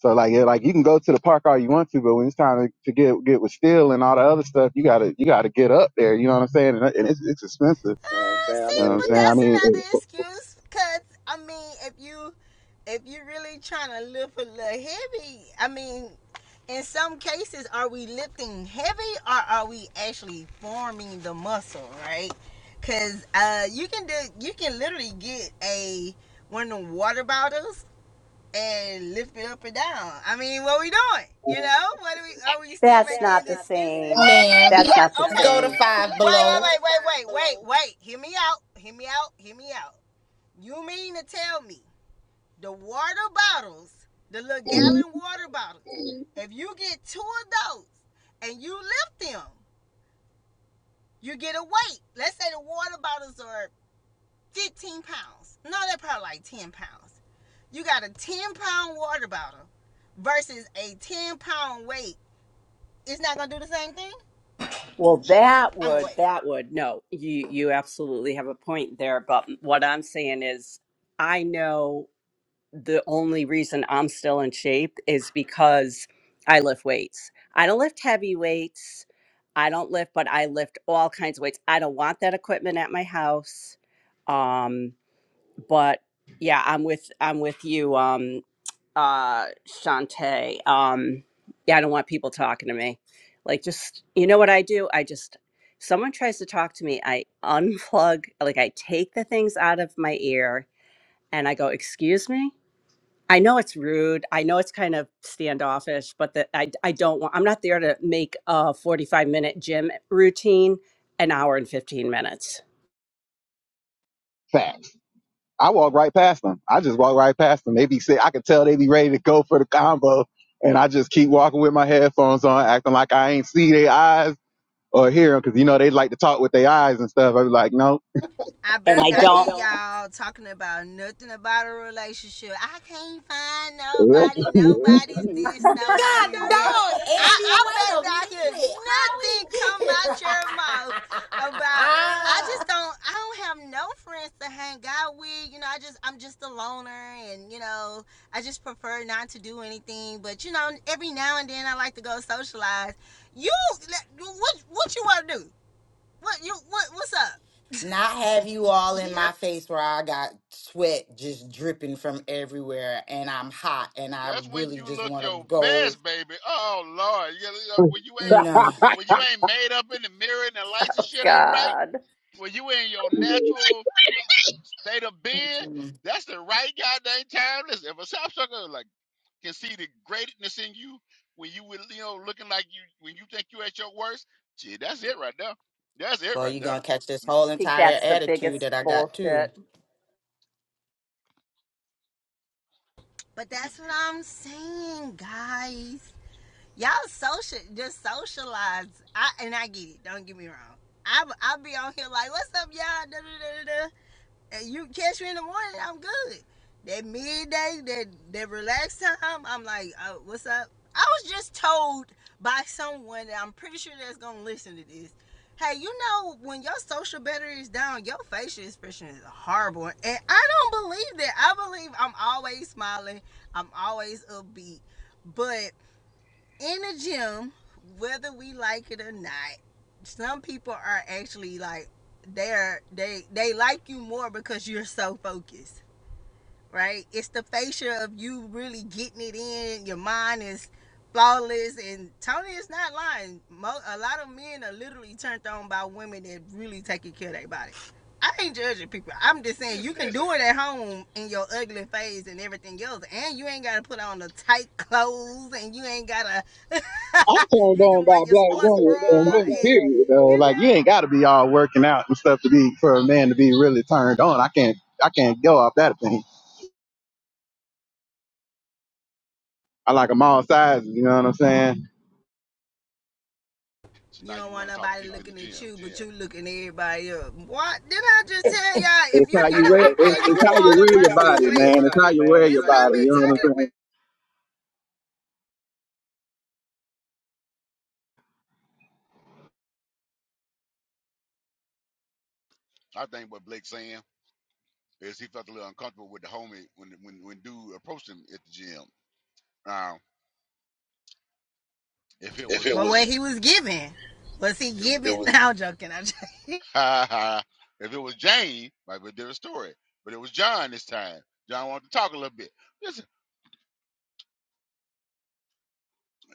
C: So like yeah, like you can go to the park all you want to, but when it's time to, to get get with steel and all the other stuff, you gotta you gotta get up there. You know what I'm saying? And, and it's, it's expensive.
A: Uh, so, I
C: You
A: see,
C: know
A: I
C: what
A: mean,
C: I'm
A: but
C: saying? I
A: that's
C: mean,
A: another excuse. Cause I mean, if you if you're really trying to lift a little heavy, I mean, in some cases, are we lifting heavy or are we actually forming the muscle, right? Cause uh, you can do you can literally get a one of the water bottles and lift it up and down. I mean, what are we doing? You know, what are we? Are we still
F: That's
A: making
F: not the
A: That's excuses? not the excuses?
F: same.
A: same.
E: Man,
F: That's
A: What?
F: not the
A: That's okay. not
E: go to
F: same.
A: the Okay.
E: five
A: same. Wait, wait,
E: below.
A: wait, wait, wait, wait, wait. Hear me out. Hear me out. Hear me out. You mean to tell me the water bottles, the little gallon water bottles, if you get two of those and you lift them, you get a weight. Let's say the water bottles are 15 pounds. No, they're probably like 10 pounds. You got a 10 pound water bottle versus a 10 pound weight. It's not going to do the same thing?
F: Well, that
A: I'm going to
F: would
A: wait.
F: that would no. You you absolutely have a point there, but what I'm saying is I know the only reason I'm still in shape is because I lift weights. I don't lift heavy weights. I don't lift, but I lift all kinds of weights. I don't want that equipment at my house. Um, but yeah, I'm with I'm with you. Um, uh Shantae. Um yeah, I don't want people talking to me. Like just you know what I do? I just someone tries to talk to me, I unplug, like I take the things out of my ear and I go, "Excuse me?" I know it's rude. I know it's kind of standoffish, but that I I don't want I'm not there to make a 45-minute gym routine an hour and 15 minutes.
C: it, I walk right past them. I just walk right past them. They be sick. I could tell they be ready to go for the combo. And I just keep walking with my headphones on, acting like I ain't see their eyes or hear them. Cause you know, they like to talk with their eyes and stuff. I be like, no.
A: I bet
F: And I
A: not hear
F: don't
A: y'all talking about nothing about a relationship. I can't find
C: *laughs*
A: nobody. Nobody's this. *laughs*
E: God
A: Nobody's that.
E: dog,
A: I,
E: Andy,
A: I
E: wait a
A: bet not hear
E: minute. How we
A: nothing come
E: get
A: out your mouth about. I just don't. I don't have no friends to hang out with. You know, I just I'm just a loner, and you know, I just prefer not to do anything. But you know, every now and then I like to go socialize. You, what what you want to do? What you what what's up?
E: *laughs* Not have you all
A: He,
E: in
A: Nah,
E: my face where I got sweat just dripping from everywhere and I'm hot and I
B: That's when
E: really
B: you
E: just
B: look
E: want to
B: your
E: go.
B: best, baby. Oh Lord, you, you- when you ain't
E: No.
C: I,
B: when you ain't made up in the mirror and the lights and
F: *laughs*
B: shit ain't right.
F: God.
B: When you in your natural state of being,
E: Mm-mm.
B: that's the right goddamn time. Listen, if a South sucker like can see the greatness in you when you will- you know looking like you when you think you at your worst, shit, that's it right there. That's it
E: Well,
B: right
E: you're
B: there.
E: going to catch this whole
B: Mm-hmm.
E: entire attitude that I got
F: bullshit.
E: too.
A: But that's what I'm saying, guys y'all social just socialize. I and I get it. Don't get me wrong. I I'll be on here like, what's up, y'all? Da, da, da, da, And you catch me in the morning, I'm good. That midday, that that relaxed time, I'm like, oh, what's up? I was just told by someone that I'm pretty sure that's gonna listen to this. Hey, you know when your social battery is down, your facial expression is horrible, and I don't believe that. I believe I'm always smiling. I'm always upbeat, but in the gym, whether we like it or not, some people are actually like they're they they like you more because you're so focused right? It's the fascia of you really getting it in. Your mind is flawless, and Tony is not lying. Mo- a lot of men are literally turned on by women that really taking care of their body. I ain't judging people. I'm just saying you
B: listen,
A: can do it at home in your ugly phase and everything else, and you ain't gotta put on the tight clothes, and you ain't gotta. *laughs*
C: I'm turned
A: you
C: on
A: can wear
C: by
A: your
C: black
A: sports
C: women
A: bra,
C: and women,
A: and
C: period. Though,
A: you
C: like
A: know.
C: you ain't got to be all working out and stuff to be for a man to be really turned on. I can't, I can't go off that thing. I like 'em all sizes. You know what I'm saying?
B: so
A: You
B: now
A: don't
B: you
A: want
B: want to talk to
A: nobody
B: people in the
A: looking
B: gym.
A: at you, but you looking at everybody up. What did I just tell y'all? If
C: It's how
A: you
C: you
A: get a
C: wear
A: *laughs*
C: it's,
A: paper
C: it's how you
A: water
C: wear your
A: versus
C: body,
A: weight, your
C: man. It's how you wear
A: this
C: your
A: how what you I
C: body.
A: wear
C: You know what I'm
A: talking
C: saying?
A: about.
B: I think what Blake's saying Is he felt a little uncomfortable with the homie when when when dude approached him at the gym. Now, if it was
A: But was, what he was giving, was he
B: it was
A: giving? *laughs* was. No, I'm joking. I'm joking.
B: *laughs* if it was Jane, might be a different story. But it was John this time. John wanted to talk a little bit. Listen,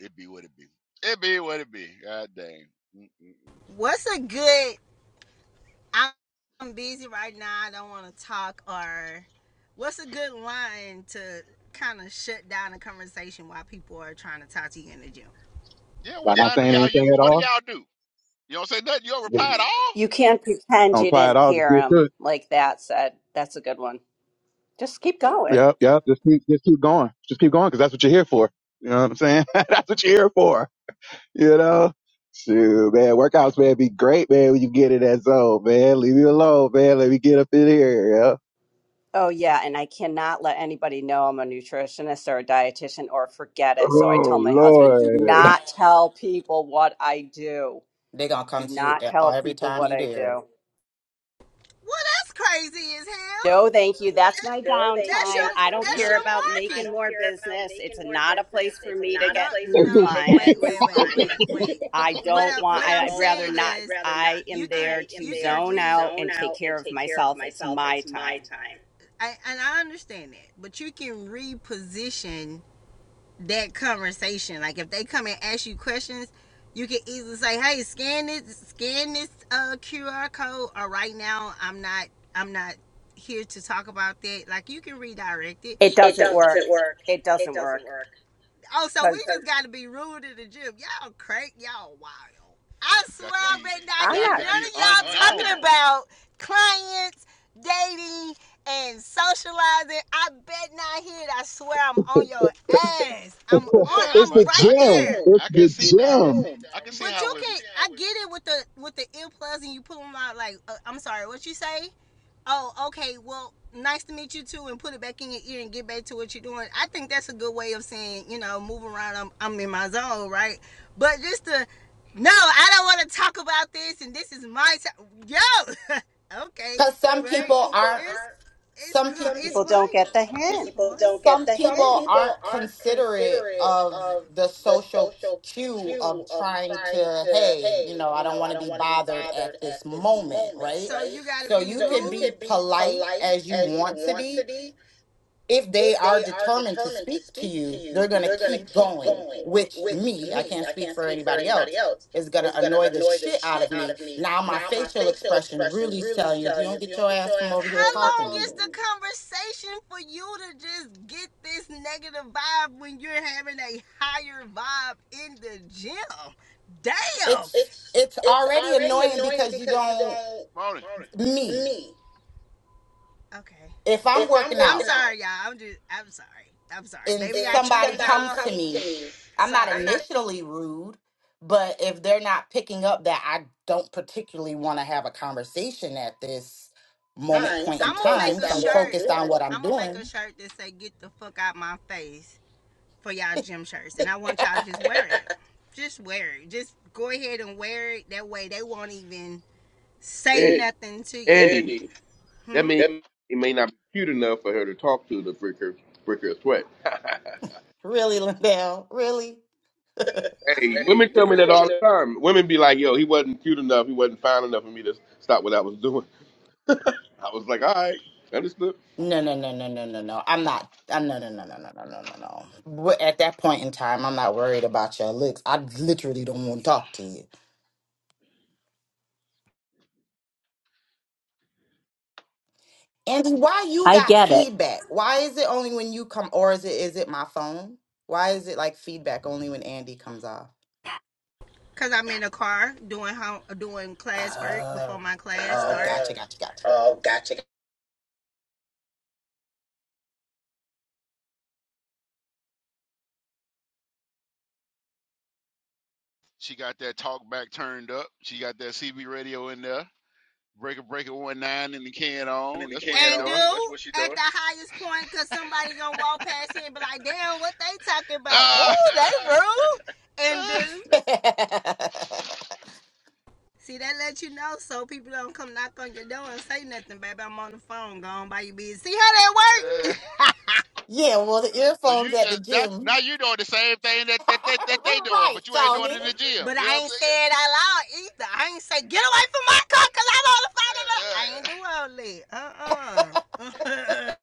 B: it be what it be. It be what it be. God dang. Mm-mm-mm.
A: *laughs* What's a good? I'm busy right now. I don't want to talk. Or what's a good line to kind of shut down a conversation while people are trying to talk to you in the gym?
B: Yeah,
C: By
B: what
A: Yeah,
C: not
B: line do
C: saying
B: y'all
C: anything
B: use?
C: at
B: What do
C: all,
B: y'all do? You don't say nothing. You don't
C: just
B: reply at all.
F: You can't pretend
C: don't
F: you
C: apply at
F: didn't
C: all. Just
F: hear
C: get to
F: him
C: it.
F: like that said. That's a good one. Just keep going.
C: Yep, yep. Just keep just keep going. Just keep going because that's what you're here for. You know what I'm saying? *laughs* that's what you're here for. You know. Shoot, man, workouts, man, be great, man, when you get in that zone, man. Leave me alone, man. Let me get up in here, yeah.
F: Oh yeah, and I cannot let anybody know I'm a nutritionist or a dietitian or forget it. So I
C: Oh,
F: tell my husband, do
C: Lord.
F: not tell people what I do.
E: They're going to come
F: Do
E: to you
F: not
E: e-
F: tell
E: every
F: people
E: time
F: what
E: you
F: I
E: there.
F: do.
A: Well, that's crazy as hell.
F: No, thank you. That's my
A: No, they. That's your
F: downtime. I don't
A: that's
F: care
B: Yeah,
A: your Lauren.
F: about
A: I
F: making
A: don't
F: more
A: care about
F: business. It's
A: making more
F: not a
A: business.
F: place for
A: It's
F: me to
A: not no, a No,
F: get
A: place for
F: new
A: no, me no, to get wait,
F: clients.
A: wait, wait, wait,
F: I
A: wait. *laughs* What
F: don't
A: I,
F: want,
A: what I I'm
F: I, I'd
A: saying
F: rather
A: want. I,
F: not.
A: I'd rather not.
F: I
A: you
F: am
A: can
F: there
A: I am you
F: to
A: there can
F: zone
A: read. to
F: out
A: zone
F: and take
A: out and
F: care of
A: take care of
F: myself. It's
A: myself.
F: my
A: It's my
F: time.
A: time. I, and I understand that, but you can reposition that conversation. Like if they come and ask you questions, you can easily say, "Hey, scan this, scan this uh, QR code." Or right now, I'm not, I'm not here to talk about that. Like you can redirect it.
F: It
A: It
F: doesn't work.
A: doesn't work.
F: It
A: It
F: doesn't work
A: doesn't work. Oh, so we
F: because
A: So just got to be rude to the gym. Y'all crank, y'all wild. I swear
B: got to
A: I
B: be
A: bet not
F: I'm
B: got
A: hear none
B: to
F: not,
B: be
A: of y'all
B: unknown.
A: talking about clients, dating and socializing. I bet not hit. I swear I'm on your ass. I'm
C: *laughs*
A: on.
B: Yeah,
C: it's
A: I'm
B: but
C: the
A: right
B: I could
C: gym.
A: there.
C: It's
B: I
C: the
B: could
A: It's
B: see
A: the
B: that I,
C: gym.
A: gym.
B: I could see
A: But
B: how
A: you
B: with
A: can. I get it with the with the earplugs and you put them out. Like uh, I'm sorry, what you say? Oh, okay. Well, nice to meet you too, and put it back in your ear and get back to what you're doing. I think that's a good way of saying you know move around. I'm I'm in my zone, right? But just to no, I don't want to talk about this, and this is my time. Yo, *laughs* okay,
E: Because
A: Because
E: some
A: some right?
E: people
A: some people It's-
E: aren't.
A: aren't it's
E: Some
A: cra-
E: people.
A: it's
F: people
A: people
F: don't get the
A: wild. It's
F: hint.
A: people wild. don't get
E: some
A: the some hint.
E: people
A: people
E: aren't
A: aren't
E: considerate
A: considerate
E: of
A: of
E: the
A: the
E: social
A: social
E: cue
A: cue
E: of
A: of
E: trying
A: trying
E: to
A: to,
E: hey
A: hey,
E: you know i
A: you
E: don't
A: know,
E: want
A: I
E: to
A: don't
E: be
A: want to be
E: bothered at
A: bothered at
E: this
A: this
E: moment
A: moment,
E: right
A: So right? you got to
E: so
A: be
E: you
A: So
E: could
A: you rude. can
E: be
A: be
E: polite
A: polite
E: as you
A: as you
E: want to
A: want to
E: be
A: be,
E: if they
A: if
E: are
A: they are
E: determined to
A: determined to
E: speak to
A: speak to
E: you they're
A: you,
E: going to
A: they're going to
E: keep
A: keep
E: going
A: going,
E: which
A: which
E: me i
A: me,
E: can't
A: I
E: speak
A: can't
E: for
A: speak for
E: anybody
A: anybody
E: else
A: else,
E: is going
A: is
E: to
A: going to
E: annoy the
A: annoy the
E: shit out of
A: shit out
E: me
A: of me.
E: now my
A: Now, my
E: facial
A: facial
E: expression
A: expression
E: really is
A: really is
E: telling you if you
A: telling you
E: don't
A: if you
E: get
A: don't
E: your
A: get your
E: ass from
A: ass
E: over
A: from
E: here
A: How over here
E: talking to
A: long is talking
E: me
A: to the me. conversation for you to just get this negative vibe when you're having a higher vibe in the gym? Damn.
E: it's
A: It's
E: it's
A: it's
E: already
A: already
E: annoying
A: annoying
E: because you
A: because you
E: don't
A: don't
B: morning.
A: Moni,
E: me
A: me. Okay.
E: if i'm
A: If I'm
E: working
A: I'm
E: out
A: sorry, out y'all. I'm just. I'm sorry. I'm sorry.
E: and
A: Maybe I and treated
E: somebody
A: y'all.
E: comes to
A: Somebody comes
E: me
A: to me,
E: i'm not
A: sorry. I'm not
E: initially rude but if they're not picking up that i don't particularly want to have a conversation at this moment
A: time.
E: point
A: So
E: in
A: I'm I'm gonna make
E: time
A: a
E: so
A: on
E: i'm
A: I'm shirt.
E: focused on what i'm
A: I'm gonna make a
E: doing
A: shirt that say "Get the fuck out my face" for y'all gym shirts, and I *laughs*
E: *laughs*
A: want y'all to just wear it. *laughs* just wear it. Just go ahead and wear it. That way, they won't even say
D: An-
A: Hey, nothing to you.
D: Andy.
A: Andy,
D: That
A: Hmm.
D: means
A: that
D: it may not be cute enough for her to talk to to break her break her sweat.
E: really lindell really
A: I
D: Hey,
A: mean, hey,
D: women tell
A: women
D: me that all
A: coming up.
D: the time. Women be like, "Yo, he wasn't cute enough. He wasn't fine enough for me to stop what I was doing." *laughs* I was like, "All right, understood."
E: no no no no no no no i'm not I'm, no no no no no no no no no Wh- at that point in time i'm not worried about your looks i literally don't want to talk to you Andy, why you
F: I
E: got
F: get it.
E: feedback? Why is it only when you come, or is it is it my phone? Why is it like feedback only when Andy comes off?
A: cause I'm in the car doing home, doing class work before
E: Oh,
A: my class
E: oh,
A: start. Uh,
E: gotcha,
A: starts.
E: gotcha, gotcha.
A: oh, gotcha,
B: She got that talk back turned up. She got that CB radio in there. Breaker Breaker one nine in the can
A: in
B: on.
A: the
B: That's
A: king
B: what she
A: and do all.
B: doing.
A: what at the highest point because somebody gonna walk past *laughs* here and be like, damn, what they talking about? Oh,
B: Ah!
A: they rude. And
B: Ah!
A: do.
E: *laughs*
A: See, that lets you know so people don't come knock on your door and say nothing, baby. I'm on the phone. Go on by your business. See how that
B: Uh,
A: works?
E: yeah, well, the
B: uh, so
E: earphones
B: you
E: at the
B: just now,
E: gym.
B: now you doing the same thing that,
E: *laughs*
B: that that that they doing,
E: right,
B: but you ain't doing it
E: Tony.
A: Yeah.
B: in
A: *laughs*
B: the gym.
A: But
B: You know
A: I
B: what
A: ain't say it
B: I'm
A: out loud either. I ain't say, get away from my car
B: saying?
A: because I'm on the phone. I ain't do all that. Uh-uh.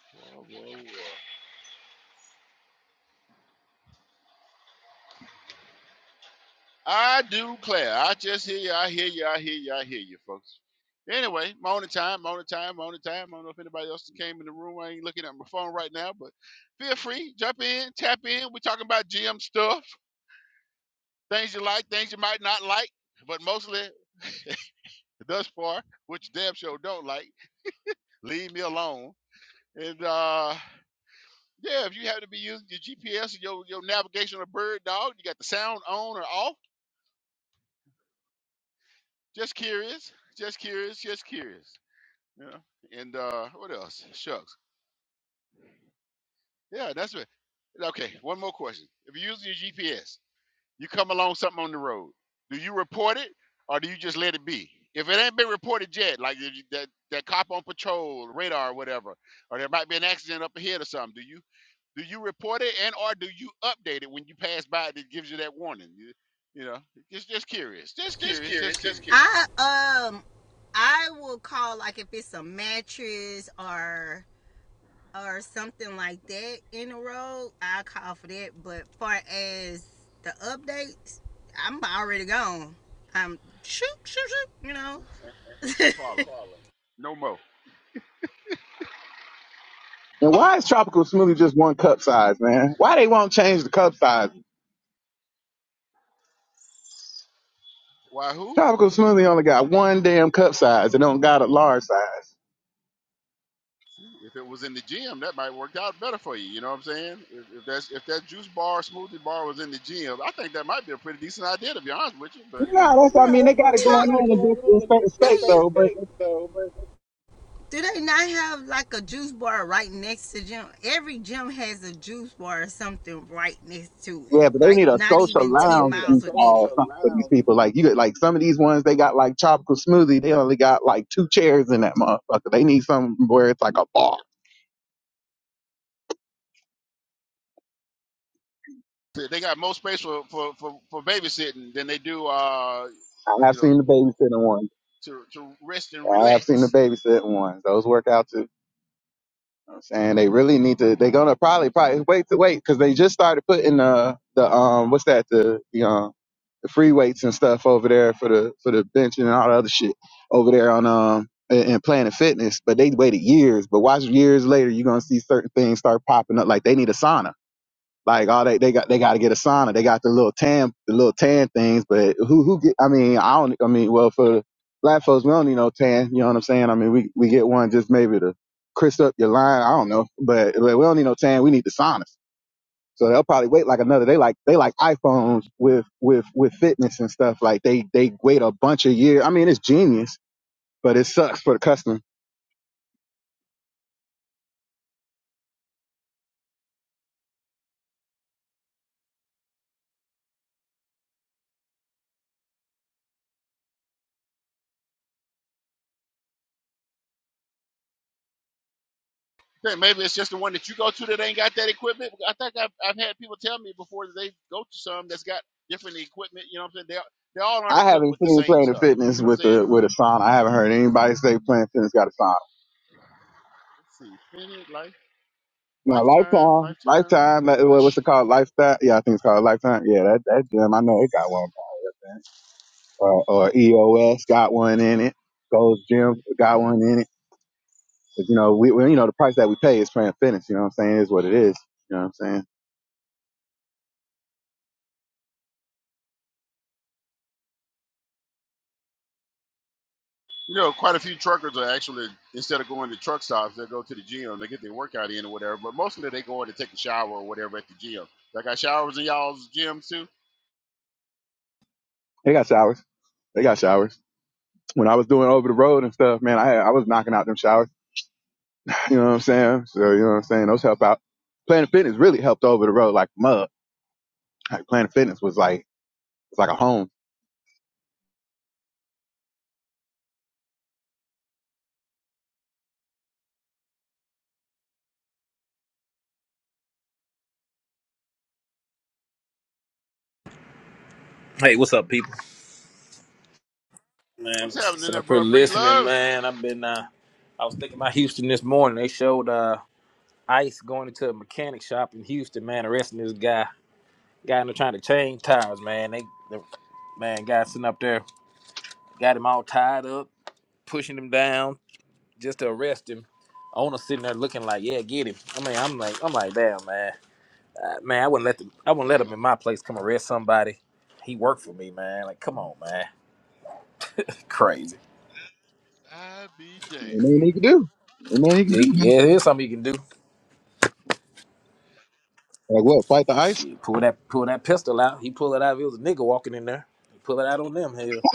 B: Uh, Whoa, whoa, whoa. I do declare. I just hear you. I hear you. I hear you. I hear you, folks. Anyway, morning time, morning time, morning time. I don't know if anybody else came in the room. I ain't looking at my phone right now, but feel free, jump in, tap in. We're talking about GM stuff, things you like, things you might not like, but mostly thus far, which you damn sure don't like. Leave me alone. And uh yeah, if you happen to be using your GPS or your, your navigation or bird dog, you got the sound on or off. Just curious, just curious, just curious. Yeah. And uh, what else? Shucks. Yeah, that's right. Okay, one more question. If you're using your GPS, you come along something on the road. Do you report it or do you just let it be? If it ain't been reported yet, like if you- that that cop on patrol, radar, or whatever, or there might be an accident up ahead or something, do you do you report it and or do you update it when you pass by that gives you that warning? You, you know, just just curious, just
A: *laughs* Just
B: curious, just
A: curious, just
B: curious.
A: curious. I, um, I will call, like, if it's a mattress or or something like that in the road, I call for that. But far as the updates, I'm already gone. I'm shoot, shoot, shoot. You
B: It's
A: know.
B: a- Ain't your
A: *laughs*
B: problem. No mo.
C: And why is tropical smoothie just one cup size, man? Why they won't change the cup size?
B: Why who?
C: Tropical smoothie only got one damn cup size. They don't got a large size.
B: If it was in the gym, that might work out better for you. You know what I'm saying? If, if that's if that juice bar, smoothie bar was in the gym, I think that might be a pretty decent idea to be honest with you. But you know,
C: No,
A: No
C: that's what I mean
A: problem.
C: they
A: It's not, that's, what I
C: got
A: mean,
C: it
A: they
C: going
A: got it
C: on in, different,
A: going
C: in
A: on in
C: certain
A: Yeah, you-
C: states
A: different
C: though. But
A: so, Do they not have like a juice bar right next to gym? Every gym has a juice bar or something right next to it.
C: yeah, but they
A: Like
C: need a
A: not
C: social
A: even Yeah, ten
C: lounge
A: miles
C: juice
A: are so
C: bar
A: within it.
C: or something for these people. Like you get like some of these ones they got like tropical smoothie. They only got like two chairs in that motherfucker. They need something where it's like a bar.
B: they got more space for for for, for babysitting than they do, uh,
C: I have
B: you know,
C: seen the babysitter ones.
B: to to rest and
C: I have seen the
B: relax.
C: babysitting ones. Those work out too. And they really need to. They're gonna probably probably wait to wait because they just started putting the the um what's that the the um the free weights and stuff over there for the for the benching and all the other shit over there on um in in Planet Fitness. But they waited years. But watch years later, you're gonna see certain things start popping up. Like they need a sauna like all they they got they got to get a sauna. They got the little tan the little tan things, but who who get? I mean, I don't. I mean, well, for black folks, we don't need no tan. You know what I'm saying? I mean, we we get one just maybe to crisp up your line. I don't know, but, but we don't need no tan. We need the saunas. So they'll probably wait like another. They like they like iPhones with with with fitness and stuff. Like they they wait a bunch of years. I mean, it's genius, but it sucks for the customer.
B: Then maybe it's just the one that you go to that ain't got that equipment. I think I've, I've had people tell me before that they go to some that's got different equipment. You know what I'm saying? They they all aren't
C: I
B: equipped
C: haven't
B: with the
C: seen
B: same
C: Planet
B: stuff. You see
C: Fitness
B: what I'm
C: with
B: saying?
C: a with a sauna. I haven't heard anybody say Planet Fitness got a sauna.
B: Let's see, Phoenix Life.
C: No
B: Lifetime,
C: Lifetime,
B: Lifetime,
C: Lifetime, like,
B: Planet- uh,
C: what- what's it
B: shit, I
C: called?
B: don't know.
C: Lifetime? Yeah, I think it's called Lifetime. Yeah, that, that gym, I know it got one. Or, or EOS got one in it. Gold's Gym got one in it. But, you know, we, we, you know, the price that we pay is playing fitness. You know what I'm saying? Is what it is. You know what I'm saying?
B: You know, quite a few truckers are actually instead of going to truck stops, they go to the gym, they get their workout in or whatever. But mostly they go in to take a shower or whatever at the gym. Y'all got showers in y'all's gyms too.
C: They got showers. They got showers. When I was doing over the road and stuff, man, I had, I was knocking out them showers. *sighs* You know what I'm saying? So, you know what I'm saying? Those help out. Planet Fitness really helped over the road like mud. Like Planet Fitness was like, it's like a home.
G: Hey, what's up, people? Man,
B: What's happening
G: sitting
B: there,
G: up here
B: bro? Bree
G: listening,
B: Love?
G: man. I've been, uh, I was thinking about Houston this morning. They showed uh, Ice going into a mechanic shop in Houston, man, arresting this guy. Guy in there trying to change tires, man. They, the, man, guy sitting up there, got him all tied up, pushing him down just to arrest him. Owner sitting there looking like, yeah, get him. I mean, I'm like, I'm like, damn, man, uh, man, I wouldn't let them, I wouldn't let
B: Damn,
G: him in my place come arrest somebody. He worked for me, man. Like, come on, man, crazy.
B: I be damn.
C: Ain't nothing you can do. Ain't nothing you can do.
G: Yeah, yeah, here's something you can do.
C: Like what? Fight the ice?
G: Shit, pull that pull that pistol out. He pull it out. If it was a nigga walking in there, he pull it out on them. Hell,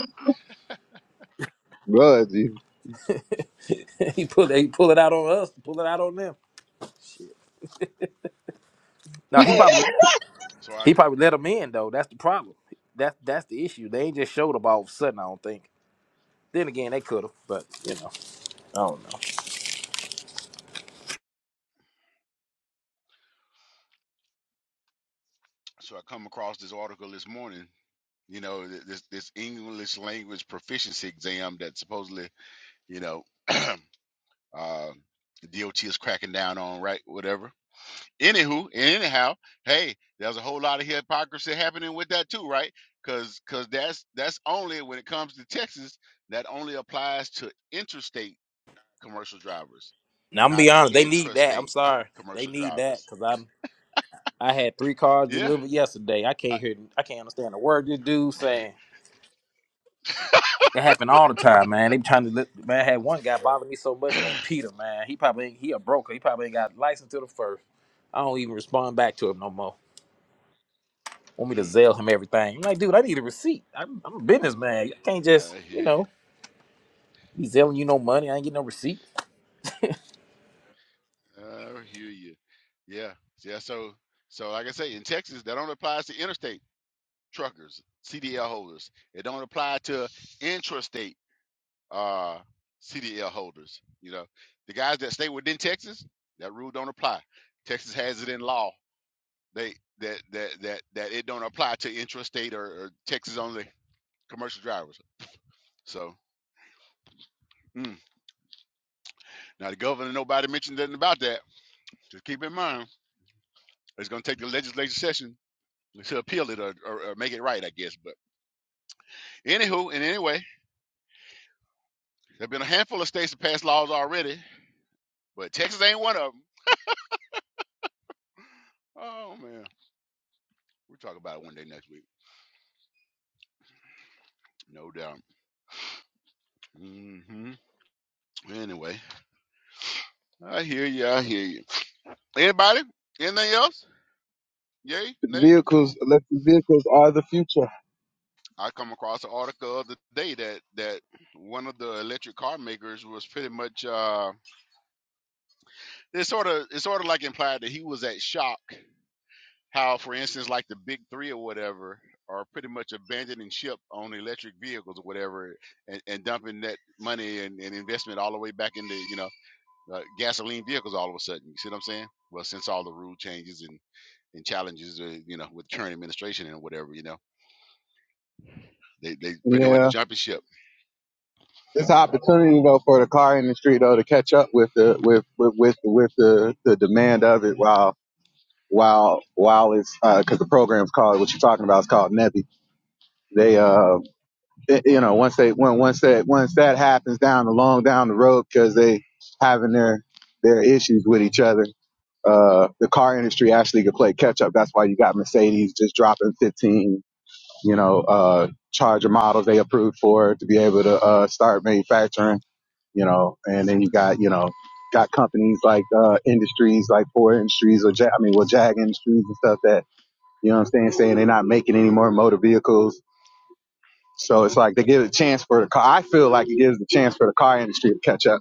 C: Bro, *laughs*
G: *laughs* he pull it. He pull it out on us. Pull it out on them. Shit. No, he probably
B: So I
G: he
B: c-
G: probably let them in though. That's the problem. That's that's the issue. They ain't just showed up all of a sudden. I don't think. Then again, they could have, but you know, I don't know.
B: so I come across this article this morning. You know, th- this this English language proficiency exam that supposedly you know uh, DOT is cracking down on, right? Whatever anywho, and anyhow, hey, there's a whole lot of hypocrisy happening with that too, right? Because because that's that's only when it comes to Texas, that only applies to interstate commercial drivers,
G: Now I'm gonna
B: not
G: be honest. They need that. I'm
B: intrastate
G: sorry. They
B: commercial
G: need that
B: drivers.
G: because I'm. I had three cars
B: Yeah,
G: delivered yesterday. I can't hear. I can't understand a word this dude saying. It happen all the time, man. They be trying to li- man. I had one guy bother me so much
B: I, *clears throat*
G: named Peter, man. He probably ain't, he a broker. He probably ain't got license to the first. I don't even respond back to him no more. Want me to
B: Mm,
G: zell him everything? I'm like, dude, I need a receipt. I'm, I'm a businessman. I can't just
B: I
G: you
B: hear you.
G: know be zelling you no money. I ain't get no receipt.
B: I hear you. Yeah, yeah. So so like I say, in Texas, that only applies to interstate truckers, CDL holders. It don't apply to intrastate uh, CDL holders. You know, the guys that stay within Texas, that rule don't apply. Texas has it in law. They that that that that it don't apply to intrastate or, or Texas only commercial drivers. So mm. now the governor, nobody mentioned nothing about that. Just keep in mind, it's going to take the legislative session to appeal it or, or, or make it right, I guess. But anywho, and anyway, there've been a handful of states that passed laws already, but Texas ain't one of them. Oh man, we'll talk about it one day next week, no doubt. hmm Anyway, I hear you. I hear you. Anybody? Anything else? Yay, nay.
C: vehicles, electric vehicles are the future.
B: I come across an article the other day that that one of the electric car makers was pretty much uh It sort of it sort of like implied that he was at shock how for instance like the big three or whatever are pretty much abandoning ship on electric vehicles or whatever and, and dumping that money and, and investment all the way back into you know uh, gasoline vehicles all of a sudden you see what i'm saying well since all the rule changes and and challenges, uh, you know, with the current administration and whatever, you know, they they pretty much
C: Yeah,
B: jumping ship.
C: it's an opportunity though for the car industry though to catch up with the with with with, with the the demand of it while while while it's because uh, the program's called what you're talking about is called NEVI. They uh it- you know once they when once that once that happens down the long down the road because they having their their issues with each other. Uh, the car industry actually could play catch up. That's why you got Mercedes just dropping 15 you know, uh, charger models they approved for to be able to, uh, start manufacturing, you know, and then you got, you know, got companies like, uh, industries like Ford Industries or Jag, I mean, well, Jag Industries and stuff that, you know what I'm saying, saying they're not making any more motor vehicles. So it's like they give a chance for the car. I feel like it gives the chance for the car industry to catch up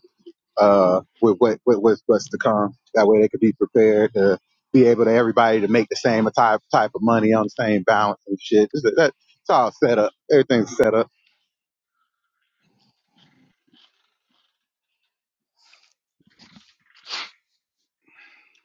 C: uh, with what with, with what's to come. That way they could be prepared to be able to everybody to make the same type type of money on the same balance and shit. It's, that, it's all set up. Everything's set up.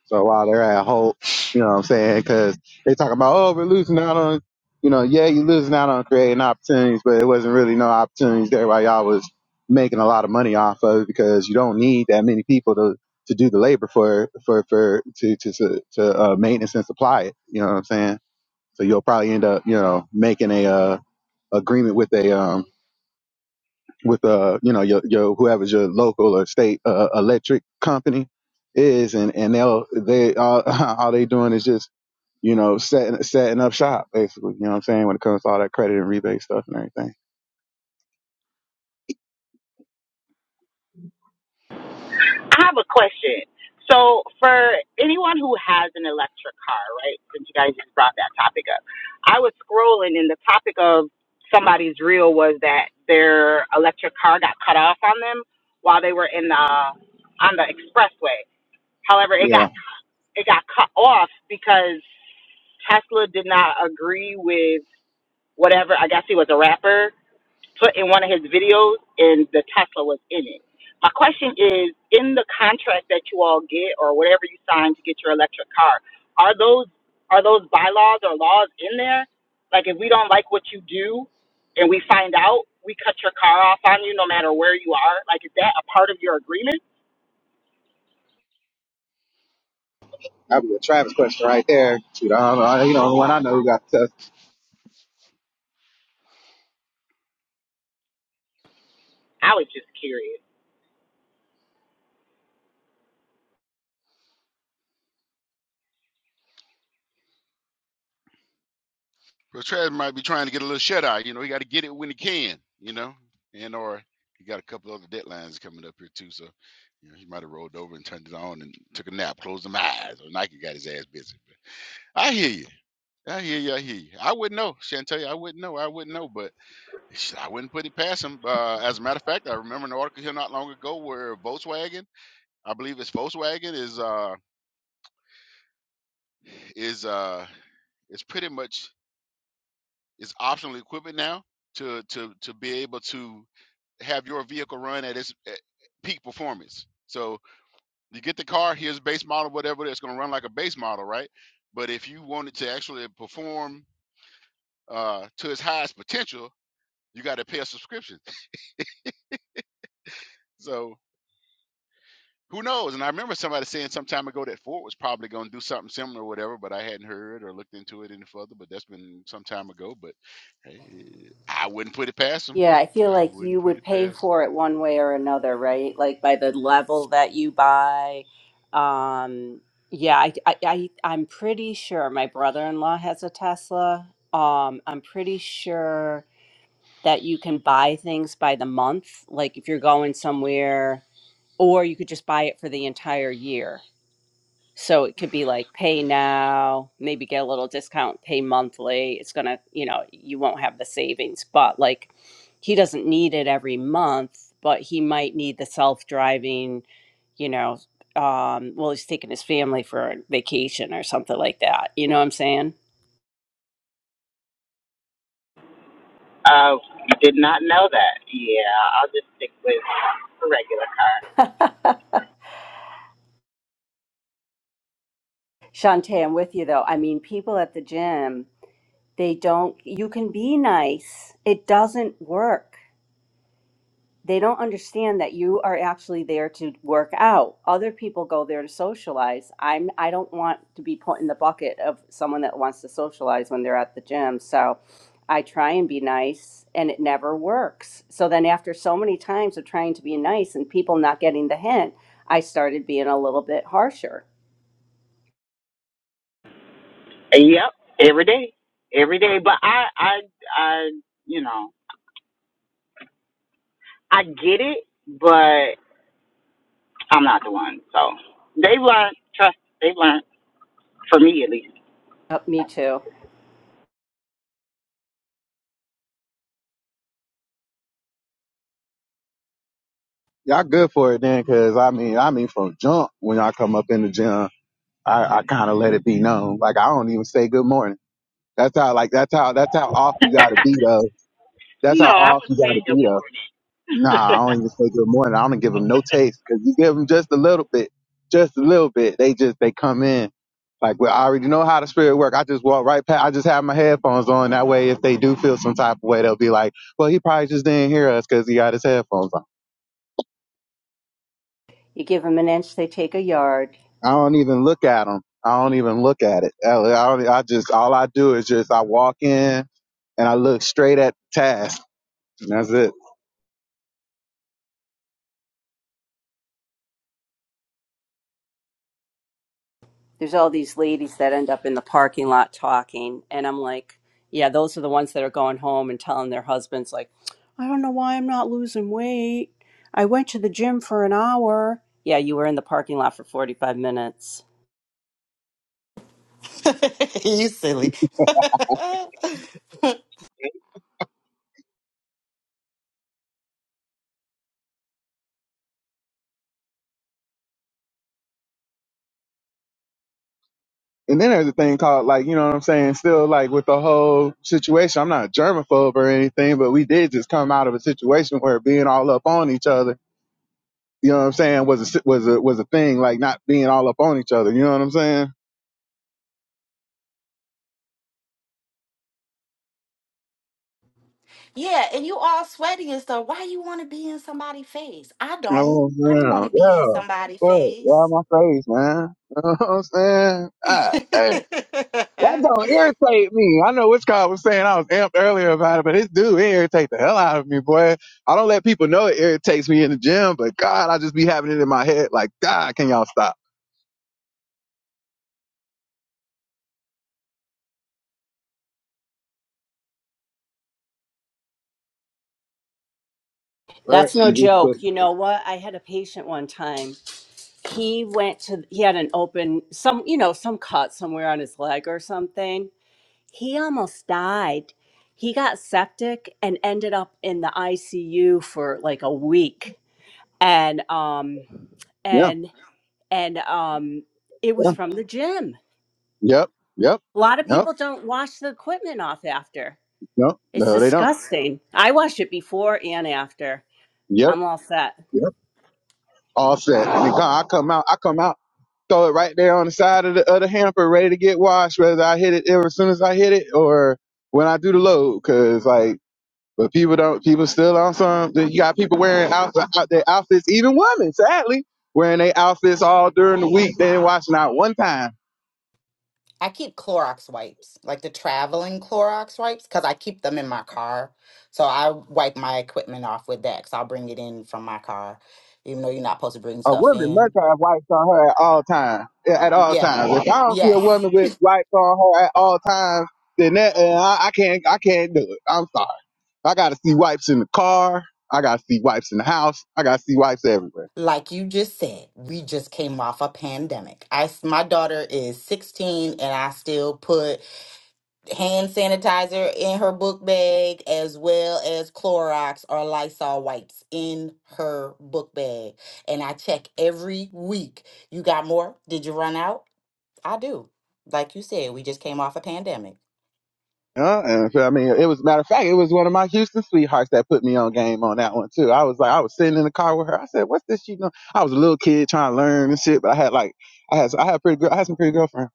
C: So while they're at Hope, you know what I'm saying? Because they talking about oh we're losing out on you know yeah you're losing out on creating opportunities, but it wasn't really no opportunities. there while y'all was making a lot of money off of it because you don't need that many people to to do the labor for for for to to to, to uh, maintenance and supply it. You know what I'm saying? So you'll probably end up, you know, making a uh, agreement with a um with uh you know your your whoever's your local or state uh, uh, electric company is, and and they'll they all *laughs* all they doing is just you know setting setting up shop basically. You know what I'm saying when it comes to all that credit and rebate stuff and everything.
E: I have a question. So, for anyone who has an electric car, right? Since you guys just brought that topic up, I was scrolling, and the topic of somebody's reel was that their electric car got cut off on them while they were in the on the expressway. However, it got
C: Yeah,
E: it got cut off because Tesla did not agree with whatever. I guess he was a rapper put in one of his videos and the Tesla was in it. My question is in the contract that you all get or whatever you sign to get your electric car, are those are those bylaws or laws in there? Like if we don't like what you do and we find out, we cut your car off on you no matter where you are. Like is that a part of your agreement?
C: that'd be a Travis question right there. Shoot, I don't know. You know, the one I know who got test.
E: I was just curious.
B: Trez might be trying to get a little shut eye, you know, he got to get it when he can, you know, and or he got a couple other deadlines coming up here too, so you know, he might have rolled over and turned it on and took a nap, closed them eyes, or Nike got his ass busy. I hear you. I hear you. I hear you. I wouldn't know, Shantae. I wouldn't know. I wouldn't know, but sh- I wouldn't put it past him. Uh, as a matter of fact, I remember an article here not long ago where Volkswagen, I believe it's Volkswagen, is uh, is uh is pretty much is optional equipment now to to to be able to have your vehicle run at its at peak performance. So you get the car, here's base model, whatever that's going to run like a base model, right? But if you want it to actually perform uh, to its highest potential, you got to pay a subscription. *laughs* So Who knows? And I remember somebody saying some time ago that Ford was probably going to do something similar or whatever, but I hadn't heard or looked into it any further. But that's been some time ago. But eh, I wouldn't put it past them.
F: Yeah, I feel
B: I
F: like
B: wouldn't
F: you
B: put
F: would
B: it
F: pay
B: past
F: for it one way or another, right? Like by the level that you buy. Um, yeah, I, I, I, I'm pretty sure my brother-in-law has a Tesla. Um, I'm pretty sure. that you can buy things by the month. Like if you're going somewhere, or you could just buy it for the entire year. So it
B: them.
F: could be like pay now, maybe get a little discount, pay monthly. It's going to, you know, you won't have the savings, but like he doesn't need it every month, but he might need the self driving, you know, um, well, he's taking his family for a vacation or something like that. You know what I'm saying?
E: Uh did not know that. Yeah, I'll just stick with the regular.
F: Shantae, I'm with you though. I mean, people at the gym They don't, you can be nice. It doesn't work. They don't understand that you are actually there to work out. Other people go there to socialize. I'm, I don't want to be put in the bucket of someone that wants to socialize when they're at the gym. So I try and be nice and it never works. So then after so many times of trying to be nice and people not getting the hint, I started being a little bit harsher.
E: Yep, every day. Every day. But I I I you know. I get it, but I'm not the one. So they learned, trust, they learned, for me at least.
F: Yep, me too.
C: Y'all good for it then, 'cause I mean, I mean from jump when y'all come up in the gym, I, I kind of let it be known. Like I don't even say good morning. That's how like that's how that's how off you gotta be though. That's
E: No,
C: how
E: I
C: off
E: would
C: you
E: say
C: gotta be though. Nah, I don't even say good morning. I don't give them no taste because you give them just a little bit, just a little bit. They just they come in like well, I already know how the spirit work. I just walk right past. I just have my headphones on. That way, if they do feel some type of way, they'll be like, well, he probably just didn't hear us because he got his headphones on.
F: You give them an inch, they take a yard.
C: I don't even look at them. I don't even look at it. I, I, don't- e, I just all I do is just I walk in and I look straight at the task. And that's it.
F: there's all these ladies that end up in the parking lot talking and i'm like yeah those are the ones that are going home and telling their husbands like i don't know why i'm not losing weight i went to the gym for an hour yeah you were in the parking lot for 45 minutes
E: the morning. *laughs* you silly. *laughs*
C: and then there's a thing called like you know what I'm saying. Still like with the whole situation, I'm not a germaphobe or anything, but we did just come out of a situation where being all up on each other, you know what I'm saying, was a si- was a was a thing. Like not being all up on each other, you know what I'm saying?
E: yeah, and you all sweaty and stuff. Why you want to be in somebody's face? I don't.
C: Oh
E: I don't want
C: man,
E: to be in
C: yeah,
E: somebody's
C: but yeah,
E: face.
C: my face, man. *laughs* You know what I'm saying? ah, damn. That
E: *laughs*
C: don't irritate me. I know which guy was saying I was amped earlier about it, but this dude it irritate the hell out of me, boy. I don't let people know it irritates me in the gym, but God, I just be having it in my head like, God, can y'all stop? But
F: that's no
C: you just put,
F: joke you know what i had a patient one time he went to he had an open some you know some cut somewhere on his leg or something he almost died he got septic and ended up in the icu for like a week and um
C: yeah,
F: and and um it was
C: yeah,
F: from the gym
C: yep, yep,
F: a lot of
C: yep,
F: people don't wash the equipment off after
C: yep.
F: it's
C: No, they don't.
F: disgusting i wash it before and after
C: Yep,
F: i'm all set
C: yep. All set. And God, I come out, I come out, throw it right there on the side of the, of the hamper, ready to get washed, whether I hit it as soon as I hit it or when I do the load, 'cause like. But people don't. People still on some. You got people wearing outfit, out their outfits. Even women, sadly, wearing their outfits all during the week. They ain't not out one time.
E: I keep Clorox wipes, like the traveling Clorox wipes, because I keep them in my car. So I wipe my equipment off with that, because I'll bring it in from my car, even though you're not supposed to bring
C: A
E: stuff
C: woman must
E: in.
C: have wipes on her at all times. At all
E: Yeah,
C: times. If I don't see a
E: yes.
C: woman with wipes on her at all times, then that uh, I, I can't. I can't do it. I'm sorry. I gotta see wipes in the car. I gotta see wipes in the house. I gotta see wipes everywhere.
E: Like you just said, we just came off a pandemic. I, s- my daughter is 16, and I still put hand sanitizer in her book bag as well as Clorox or Lysol wipes in her book bag. And I check every week. You got more? Did you run out? I do. Like you said, we just came off a pandemic.
C: Yeah, and if- I mean, it was matter of fact, it was one of my Houston sweethearts that put me on game on that one too. I was like, I was sitting in the car with her. I said, "What's this?" You know, I was a little kid trying to learn and shit, but I had like, I had, I had pretty, girl, I had some pretty girlfriend.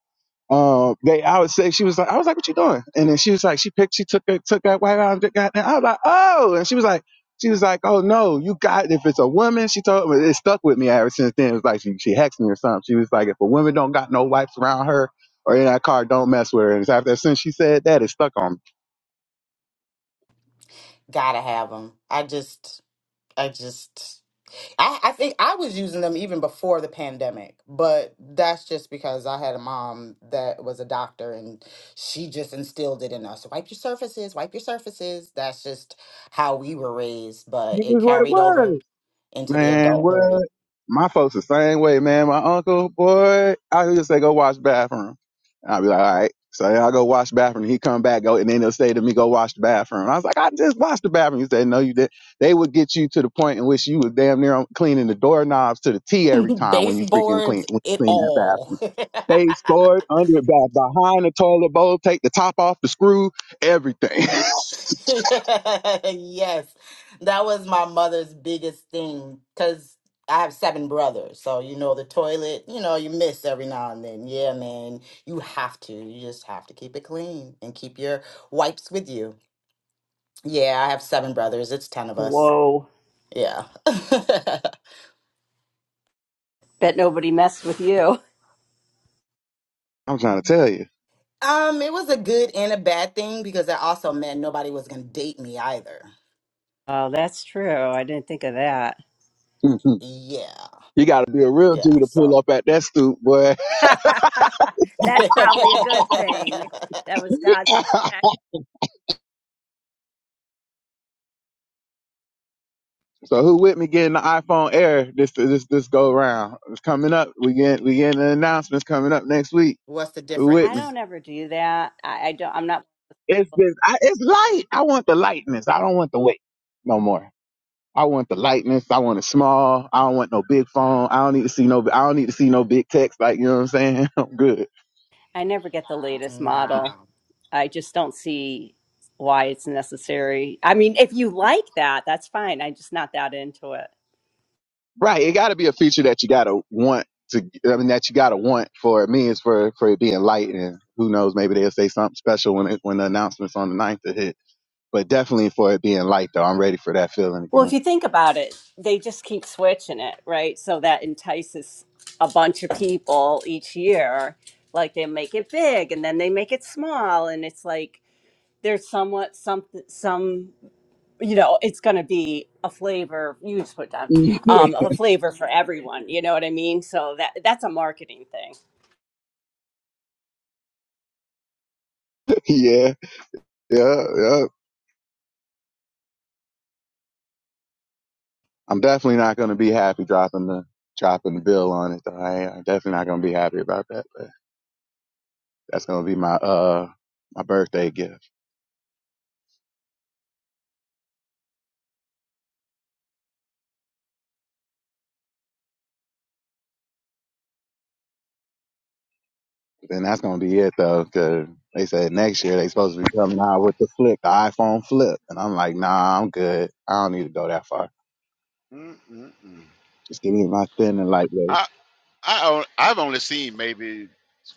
C: Um, they, I would say she was like, I was like, "What you doing?" And then she was like, she picked, she took it, took that white out and got. And I was like, "Oh!" And she was like, she was like, "Oh no, you got if it's a woman." She told me it stuck with me ever since then. It was like she, she hexed me or something. She was like, "If a woman don't got no wipes around her." Or in that car, don't mess with her. And it's after since she said that, it stuck on me.
E: Gotta have them. I just, I just. I, I think I was using them even before the pandemic, but that's just because I had a mom that was a doctor and she just instilled it in us. Wipe your surfaces, wipe your surfaces. That's just how we were raised, but
C: This
E: it
C: is what it
E: carried over
C: was.
E: into the
C: Man,
E: adulthood.
C: what? My folks the same way, man. My uncle, boy, I would just say, go wash the bathroom. And i will be like, all right. So yeah, I go wash the bathroom. He come back, go, and then they'll say to me, go wash the bathroom. I was like, I just washed the bathroom. He said, no, you did. They would get you to the point in which you was damn near cleaning the doorknobs to the T every
E: *laughs*
C: time when you freaking
E: Baseboards,
C: clean, when you
E: it
C: clean that
E: all.
C: bathroom. Face
E: *laughs*
C: forward, under, it, back, behind the toilet bowl, take the top off the screw, everything.
E: *laughs* yes, that was my mother's biggest thing because I have seven brothers. So, you know, the toilet, you know, you miss every now and then. Yeah, man, you have to. You just have to keep it clean and keep your wipes with you. Yeah, I have seven brothers. It's 10 of us.
F: whoa
E: Yeah. *laughs*
F: bet nobody messed with you
C: *laughs* I'm trying to tell
E: um, it was a good and a bad thing because that also meant nobody was going to date me either.
F: Oh, that's true. I didn't think of that.
C: you.
E: Yeah.
C: You got to be a real dude
E: Yeah.
C: to pull
E: So,
C: up at that stoop, boy.
F: *laughs*
E: *laughs*
F: that's probably a good thing that was
C: *laughs*
F: god's protection.
C: so who with me getting the iPhone Air this this this go round? It's coming up. We get we getting the announcements coming up next week.
E: what's the
C: Who with
F: I
E: difference?
C: me?
F: don't ever do that. I, I don't. I'm not.
C: It's this. I, it's light. I want the lightness. I don't want the weight no more. I want the lightness. I want it small. I don't want no big phone. I don't need to see no. I don't need to see no big text. Like you know what I'm saying. *laughs* I'm good.
F: I never get the latest model.
E: No.
F: I just don't see why it's necessary. I mean, if you like that, that's fine. I'm just not that into it.
C: Right. It got to be a feature that you got to want to, I mean, that you got to want for me is for, for it being light. And who knows, maybe they'll say something special when it, when the announcement's on the ninth to hit. But definitely for it being light, though, I'm ready for that feeling
F: Well, if
C: again.
F: you think about it, they just keep switching it, right? So that entices a bunch of people each year. Like they make it big and then they make it small, and it's like there's somewhat some some you know it's going to be a flavor. You just put down
C: *laughs*
F: um, a flavor for everyone. You know what I mean? So that that's a marketing thing.
C: yeah. Yeah. Yeah. I'm definitely not going to be happy dropping the, dropping the bill on it. Though. I, I'm definitely not going to be happy about that. But that's going to be my, uh, my birthday gift. Then that's gonna be it though, 'cause they said next year they supposed to be coming out with the flip, the iPhone flip, and I'm like, nah, I'm good. I don't need to go that far.
B: Mm-mm-mm.
C: Just give me my thin and lightweight.
B: I, I on- I've only seen maybe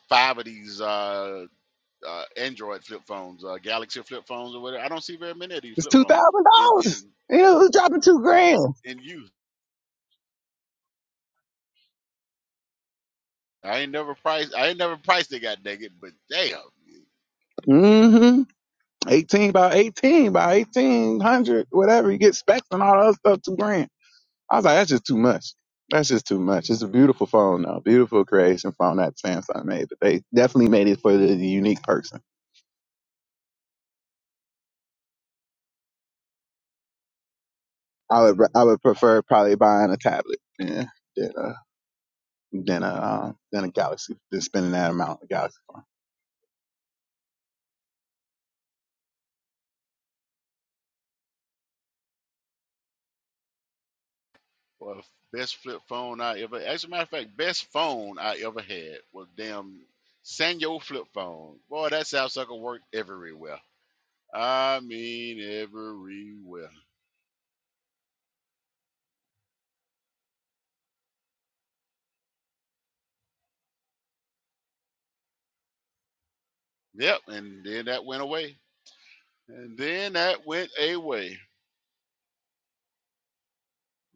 B: five of these uh, uh, Android flip phones, uh, Galaxy flip phones or whatever. I don't see very many of these
C: It's
B: flip
C: two
B: phones
C: thousand
B: in in
C: dollars. You know, it's dropping two grand.
B: in use. I ain't never priced. I ain't never priced it. God dang it! But damn.
C: Mm-hmm. Eighteen by eighteen by eighteen hundred, whatever. You get specs and all that other stuff, two grand. I was like, that's just too much. That's just too much. It's a beautiful phone though. Beautiful creation phone that Samsung made, but they definitely made it for the the unique person. I would re- I would prefer probably buying a tablet yeah, than a than a um, than a Galaxy than spending that amount on a Galaxy
B: Well, best flip phone I ever. As a matter of fact, best phone I ever had was damn Sanyo flip phone. Boy, that South sucker worked everywhere. I mean, everywhere. Yep, and then that went away. And then that went away.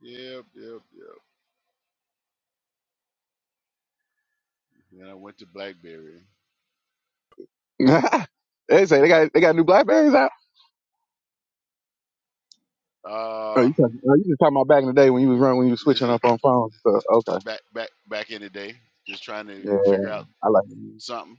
B: Yep, yep, yep. Then I went to BlackBerry.
C: phone. *laughs* they say they got they got new Blackberries out. Oh,
B: Uh,
C: you talking, oh, you just talking about back in the day when you was running when you was
B: this
C: switching
B: is,
C: up on phones. So
B: this
C: okay,
B: is back, back, back in the day. Just trying to
C: yeah,
B: figure out
C: I like
B: something.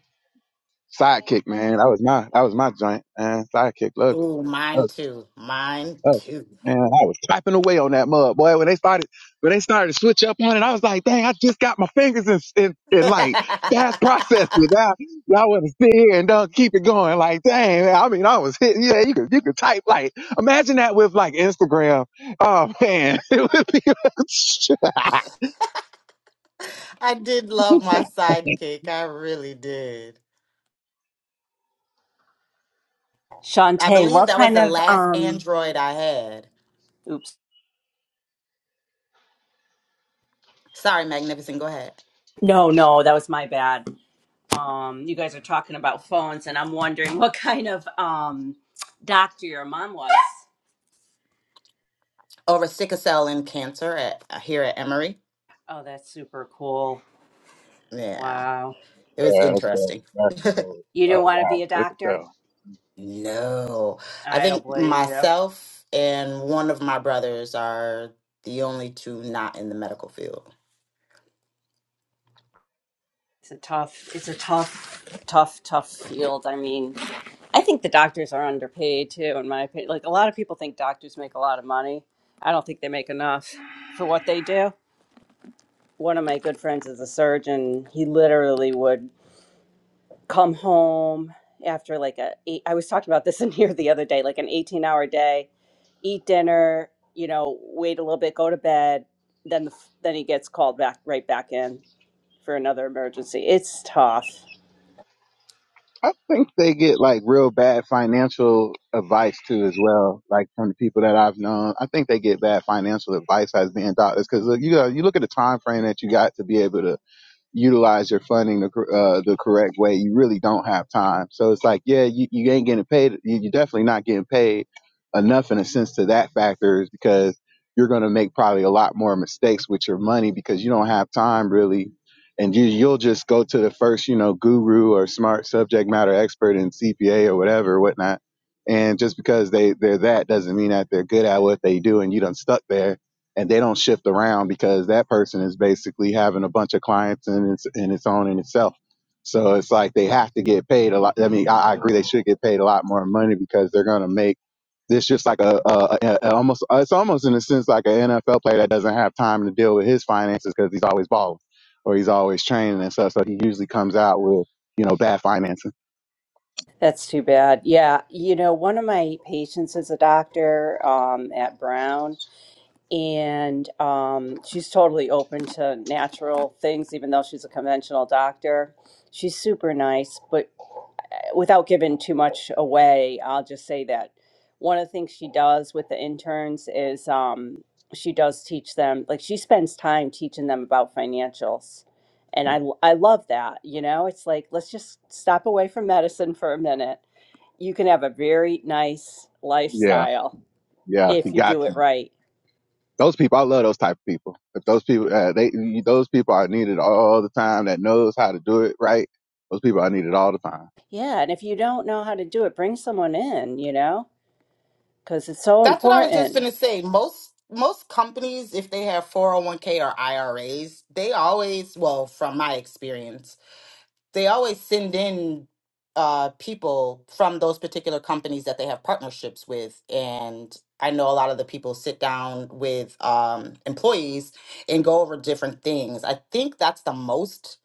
C: Sidekick, man. That was my that was my joint, man. Sidekick loved
E: Ooh,
C: it.
E: mine too. Mine
C: Oh,
E: too.
C: man, I was typing away on that mud, boy. When they started, when they started to switch up on it, I was like, dang, I just got my fingers in, in,
E: *laughs*
C: in like fast processing.
E: I
C: Now, y'all want to sit here and do keep it going. Like, dang, man, I mean, I was hitting, yeah, you could, you could type like, imagine that with like Instagram. Oh man, *laughs* it would be, *laughs* yeah,
E: did love my sidekick. I really did. I
F: Shantae,
E: believe
F: what
E: that was
F: kind
E: the
F: of
E: last
F: um?
E: Android I had.
F: Oops.
E: Sorry, Magnificent. Go ahead.
F: No, no, that was my bad. Um, you guys are talking about phones, and I'm wondering *laughs* what kind of um doctor your mom was.
E: Over sickle cell and cancer at uh, here at Emory.
F: Oh, that's super cool.
E: Yeah,
F: Wow.
E: it was
C: that's dope.
E: interesting.
C: That's
E: *laughs*
C: dope.
F: You didn't
C: Oh
F: want to
C: wow,
F: be a
C: look at
F: doctor?
C: that.
E: no, I
F: I don't
E: think
F: blame you.
E: myself and one of my brothers are the only two not in the medical field.
F: It's a tough, it's a tough, tough, tough field. I mean, I think the doctors are underpaid too, in my opinion. Like a lot of people think doctors make a lot of money. I don't think they make enough for what they do. One of my good friends is a surgeon. He literally would come home after like a eight, I was talking about this *laughs* in here the other day, like an 18 hour day, eat dinner, you know, wait a little bit, go to bed. Then the, f- then he gets called back right back in for another emergency. It's tough.
C: I think they get like real bad financial advice too, as well. Like from the people that I've known, I think they get bad financial advice as being doctors because you know you look at the time frame that you got to be able to utilize your funding the, cor- uh, the correct way, you really don't have time. So it's like, yeah, you, you ain't getting paid. You, you're definitely not getting paid enough in a sense to that factor is because you're going to make probably a lot more mistakes with your money because you don't have time really. And you, you'll just go to the first, you know, guru or smart subject matter expert in CPA or whatever, whatnot. And just because they, they're that doesn't mean that they're good at what they do and you don't stuck there and they don't shift around because that person is basically having a bunch of clients in its in its own in itself. So it's like they have to get paid a lot. I mean, I, I agree they should get paid a lot more money because they're gonna make this just like a, a, a, a almost it's almost in a sense like an NFL player that doesn't have time to deal with his finances because he's always balling or he's always training and stuff. So he usually comes out with you know bad financing.
F: That's too bad. Yeah. You know, one of my patients is a doctor um, at Brown and um, she's totally open to natural things, even though she's a conventional doctor. She's super nice, but without giving too much away, I'll just say that one of the things she does with the interns is um, she does teach them, like she spends time teaching them about financials. And I, I love that. You know, it's like, let's just stop away from medicine for a minute. You can have a very nice
C: Yeah,
F: lifestyle
C: yeah, he
F: if you
C: got.
F: do it right.
C: those people, I love those type of people. If those people, uh, they, those people are needed all the time that knows how to do it right. Those people are needed all the time.
F: Yeah. And if you don't know how to do it, bring someone in, you know, because it's so
E: That's what I was just
F: important.
E: gonna say. Most most companies, if they have 401k or IRAs, they always, well, from my experience, they always send in uh, people from those particular companies that they have partnerships with. And I know a lot of the people sit down with um, employees and go over different things. I think that's the most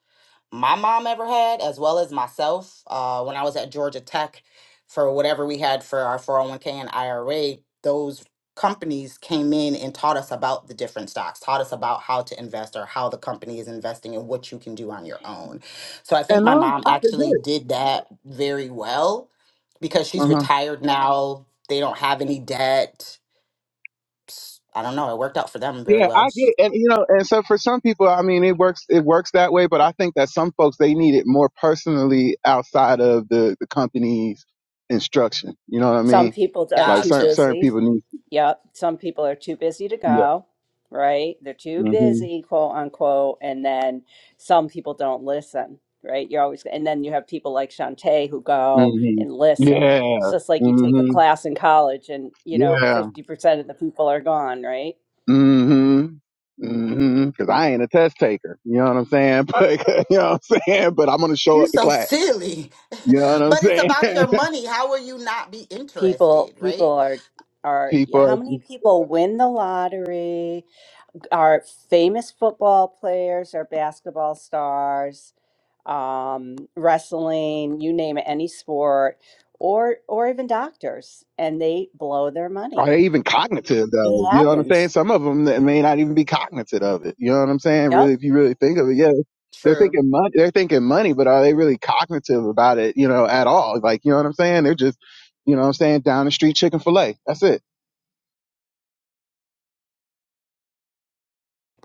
E: my mom ever had, as well as myself. Uh, when I was at Georgia Tech, for whatever we had for our 401k and IRA, those companies came in and taught us about the different stocks, taught us about how to invest or how the company is investing and what you can do on your own. So I think
C: And
E: my
C: no,
E: mom
C: I could
E: actually
C: do
E: did that very well because
C: it.
E: she's
C: Uh-huh.
E: retired now. They don't have any debt. S- I don't know. It worked out for them very
C: Yeah, I
E: well.
C: get it. And you know, and so for some people, I mean, it works, it works that way, but I think that some folks, they need it more personally outside of the, the company's instruction. You know what I
F: Some
C: mean?
F: people are
C: Like
F: too
C: certain,
E: Gotcha.
C: certain
F: busy.
C: people need,
F: Yep. Some people are too busy to
C: yeah.
F: go, right? They're too
C: hmm
F: busy, quote unquote. And then some people don't listen, right? You're always, and then you have people like Shantae who go
C: hmm
F: and listen. So It's
C: Yeah.
F: just like you take a
C: hmm
F: class in college and, you know,
C: Yeah.
F: 50% of the people are gone, right?
C: Mm-hmm. Mm-hmm. Cause I ain't a test taker. You know what I'm saying? *laughs* But you know what I'm saying? But I'm gonna show
E: You're
C: up to
E: so
C: class.
E: silly. *laughs*
C: You know what I'm
E: but it's
C: saying?
E: about
C: *laughs*
E: your money. How will you not be
F: People,
E: interested,
F: people
E: right?
F: are, are
C: People
F: how
C: are,
F: many
C: just,
F: people win the lottery? Are famous football players or basketball stars? um, wrestling, you name it, any sport, or or even doctors, and they blow their
C: are
F: money.
C: they even cognitive
F: It
C: though? You know what I'm saying?
F: happens.
C: Some of them that may not even be cognitive of it. You know what I'm saying?
F: Yep.
C: Really, if you really think of it, yeah, they're
E: True.
C: thinking money. They're thinking money, but are they really cognitive about it? You know, at all? Like, you know what I'm saying? They're just, you know what I'm saying? Down the street chicken fillet. That's it.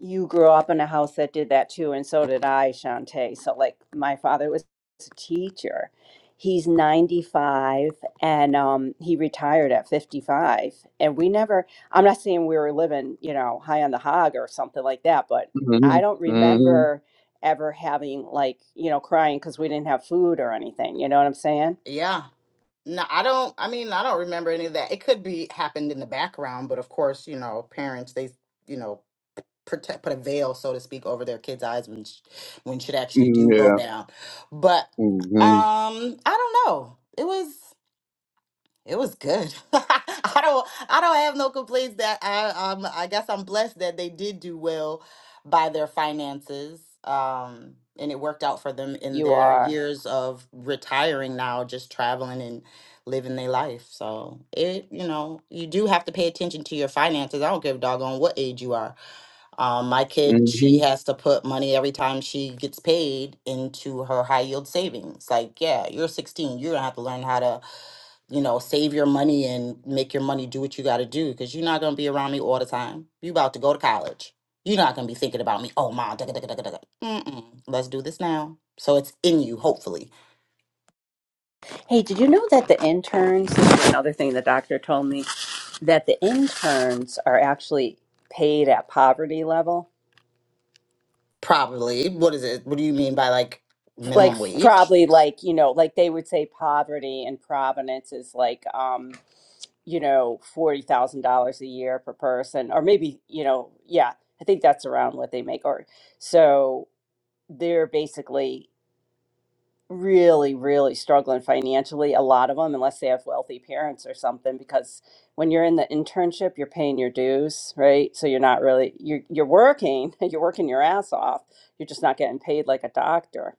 F: you grew up in a house that did that too, and so did I, Shantae. So, like, my father was a teacher. He's 95 and um, he retired at 55. And we never, I'm not saying we were living, you know, high on the hog or something like that, but I don't
C: Mm-hmm. Mm-hmm.
F: remember ever having, like, you know, crying because we didn't have food or anything. You know what I'm saying?
E: Yeah. No, I don't I mean, I don't remember any of that. It could be happened in the background, but of course, you know, parents they, you know, protect put a veil so to speak over their kids' eyes when sh- when shit actually
C: Mm-hmm.
E: do go
C: Yeah.
E: down. But
C: Mm-hmm.
E: um I don't know. It was It was good. *laughs* I don't I don't have no complaints that I um I guess I'm blessed that they did do well by their finances. Um and it worked out for them in
F: You
E: their
F: are.
E: years of retiring now, just traveling and living their life. So it, you know, you do have to pay attention to your finances. I don't give a doggone what age you are. Um, my
C: Mm-hmm.
E: kid, she
C: Mm-hmm.
E: has to put money every time she gets paid into her high yield savings. Like, yeah, you're 16. You're gonna have to learn how to, you know, save your money and make your money do what you gotta do because you're not gonna be around me all the time. You about to go to college. You're not gonna be thinking about me. Oh, mom, da da da da da. da. Mm-mm. Let's do this now. So it's in you, hopefully.
F: Hey, did you know that the interns, this is another thing the doctor told me, that the interns are actually paid at poverty level
E: Probably. What is it? What do you mean by like
F: like
E: minimum wage?
F: probably like you know like they would say poverty in providence is like um you know $40,000 a year per person or maybe you know yeah i think that's around what they make or so they're basically really, really struggling financially, a lot of them, unless they have wealthy parents or something, because when you're in the internship, you're paying your dues, right? So you're not really you're you're working, *laughs* you're working your ass off. You're just not getting paid like a doctor.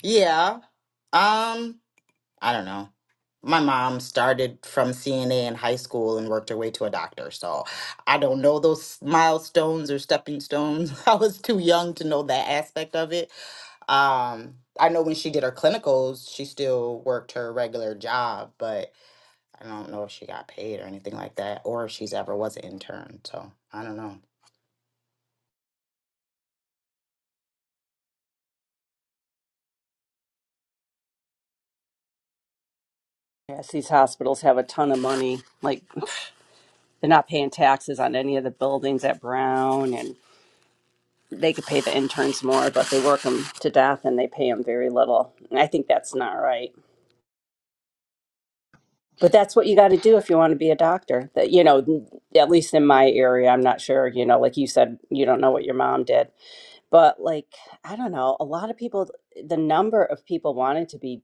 E: Yeah. Um. I don't know. My mom started from CNA in high school and worked her way to a doctor. So I don't know those milestones or stepping stones. *laughs* I was too young to know that aspect of it. Um, I know when she did her clinicals, she still worked her regular job, but I don't know if she got paid or anything like that or if she's ever was an intern. So I don't know.
F: Yes, these hospitals have a ton of money. Like they're not paying taxes on any of the buildings at Brown and they could pay the interns more, but they work them to death and they pay them very little. And I think that's not right. But that's what you got to do if you want to be a doctor. That you know, at least in my area, I'm not sure. You know, like you said, you don't know what your mom did, but like I don't know. A lot of people, the number of people wanting to be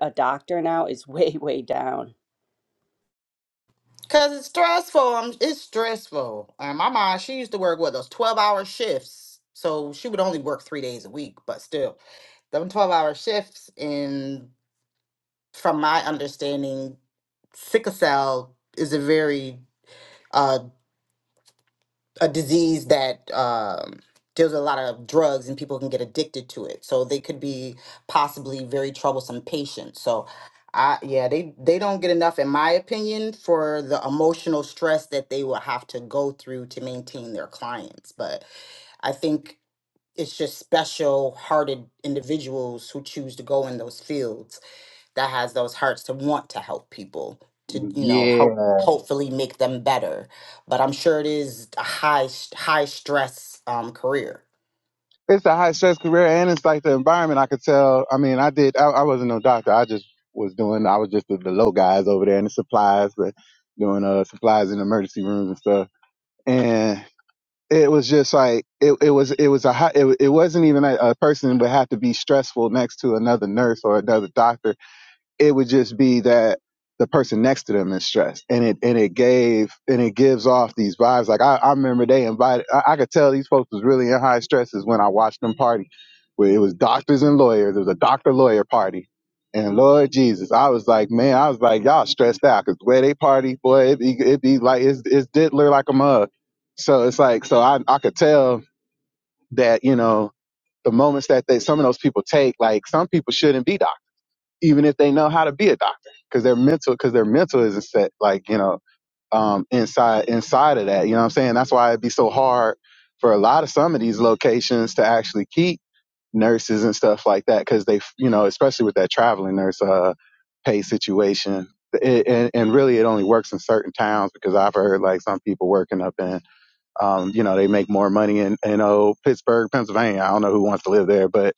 F: a doctor now is *laughs* way way down.
E: Cause it's stressful. Um, it's stressful. And my mom, she used to work what those twelve hour shifts. So she would only work three days a week, but still. them 12 hour shifts and from my understanding sickle cell is a very uh, a disease that um, deals with a lot of drugs and people can get addicted to it so they could be possibly very troublesome patients so I, yeah they they don't get enough in my opinion for the emotional stress that they will have to go through to maintain their clients but i think it's just special hearted individuals who choose to go in those fields that has those hearts to want to help people to you know
C: yeah.
E: help hopefully make them better but i'm sure it is a high s- high stress um, career
C: it's a high stress career and it's like the environment I could tell. I mean, I did, I, I wasn't no doctor. I just was doing, I was just the, the low guys over there in the supplies, but doing uh, supplies in emergency rooms and stuff. And it was just like, it, it was, it was a high, it, it wasn't even a, a person would have to be stressful next to another nurse or another doctor it would just be that the person next to them is stressed and it and it gave and it gives off these vibes like i, I remember they invited I, I could tell these folks was really in high stresses when i watched them party where it was doctors and lawyers it was a doctor lawyer party and lord jesus i was like man i was like y'all stressed out because the way they party boy it be, it be like it's, it's diddler like a mug so it's like so I, I could tell that you know the moments that they some of those people take like some people shouldn't be doctors even if they know how to be a doctor because their mental because their mental isn't set like you know um inside inside of that you know what i'm saying that's why it'd be so hard for a lot of some of these locations to actually keep nurses and stuff like that because they you know especially with that traveling nurse uh pay situation it, and, and really it only works in certain towns because i've heard like some people working up in um, you know, they make more money in, in oh, Pittsburgh, Pennsylvania. I don't know who wants to live there, but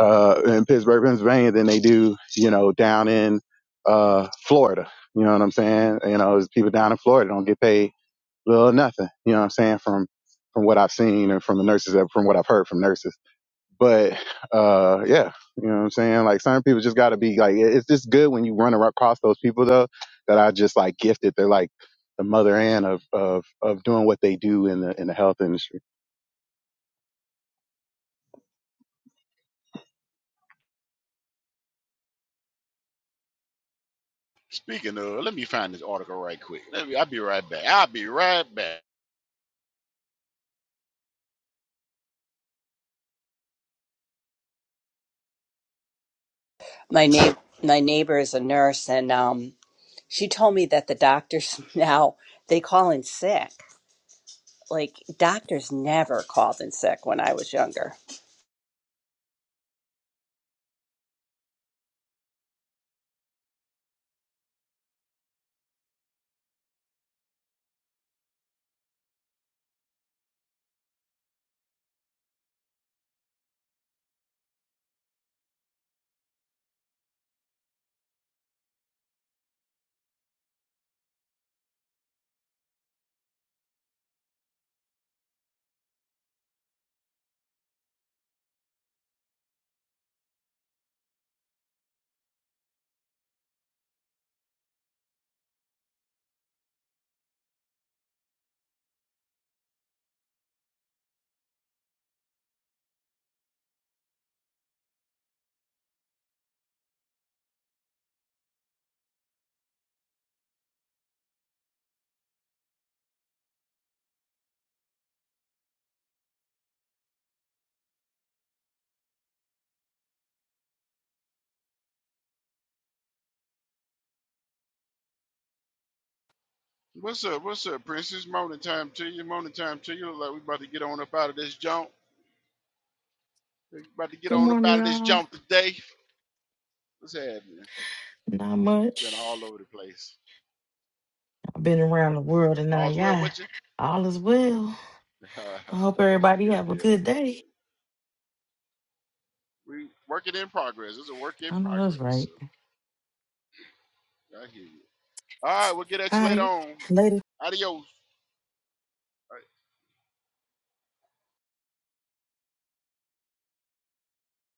C: uh, in Pittsburgh, Pennsylvania than they do, you know, down in uh, Florida. You know what I'm saying? You know, people down in Florida don't get paid little or nothing. You know what I'm saying? From from what I've seen and from the nurses, from what I've heard from nurses. But uh, yeah, you know what I'm saying. Like certain people just got to be like, it's just good when you run across those people though that are just like gifted. They're like the mother and of of of doing what they do in the in the health industry.
B: Speaking of, let me find this article right quick. Let me. I'll be right back. I'll be right back.
F: My neighbor, my neighbor is a nurse, and um, she told me that the doctors *laughs* now they call in sick. Like doctors never called in sick when I was younger.
B: What's up? What's up, Princess? Morning time to you. Morning time to you. Look like we about to get on up out of this jump. About to get
H: Good
B: on up
H: morning,
B: out of this
H: y'all.
B: jump today. What's happening?
H: Not
B: Been
H: much.
B: all over the place.
H: I've been around the world and now,
B: All's well
H: yeah,
B: with you?
H: all is well.
B: *laughs*
H: I hope everybody
B: good
H: have a
B: deal.
H: good
B: Good
H: day.
B: deal. We working in progress. It's a work in
H: I know
B: progress.
H: that's
B: So
H: right.
B: I hear you. All right, we'll get at
H: All
B: you later
H: right,
B: on.
H: later.
B: Adios.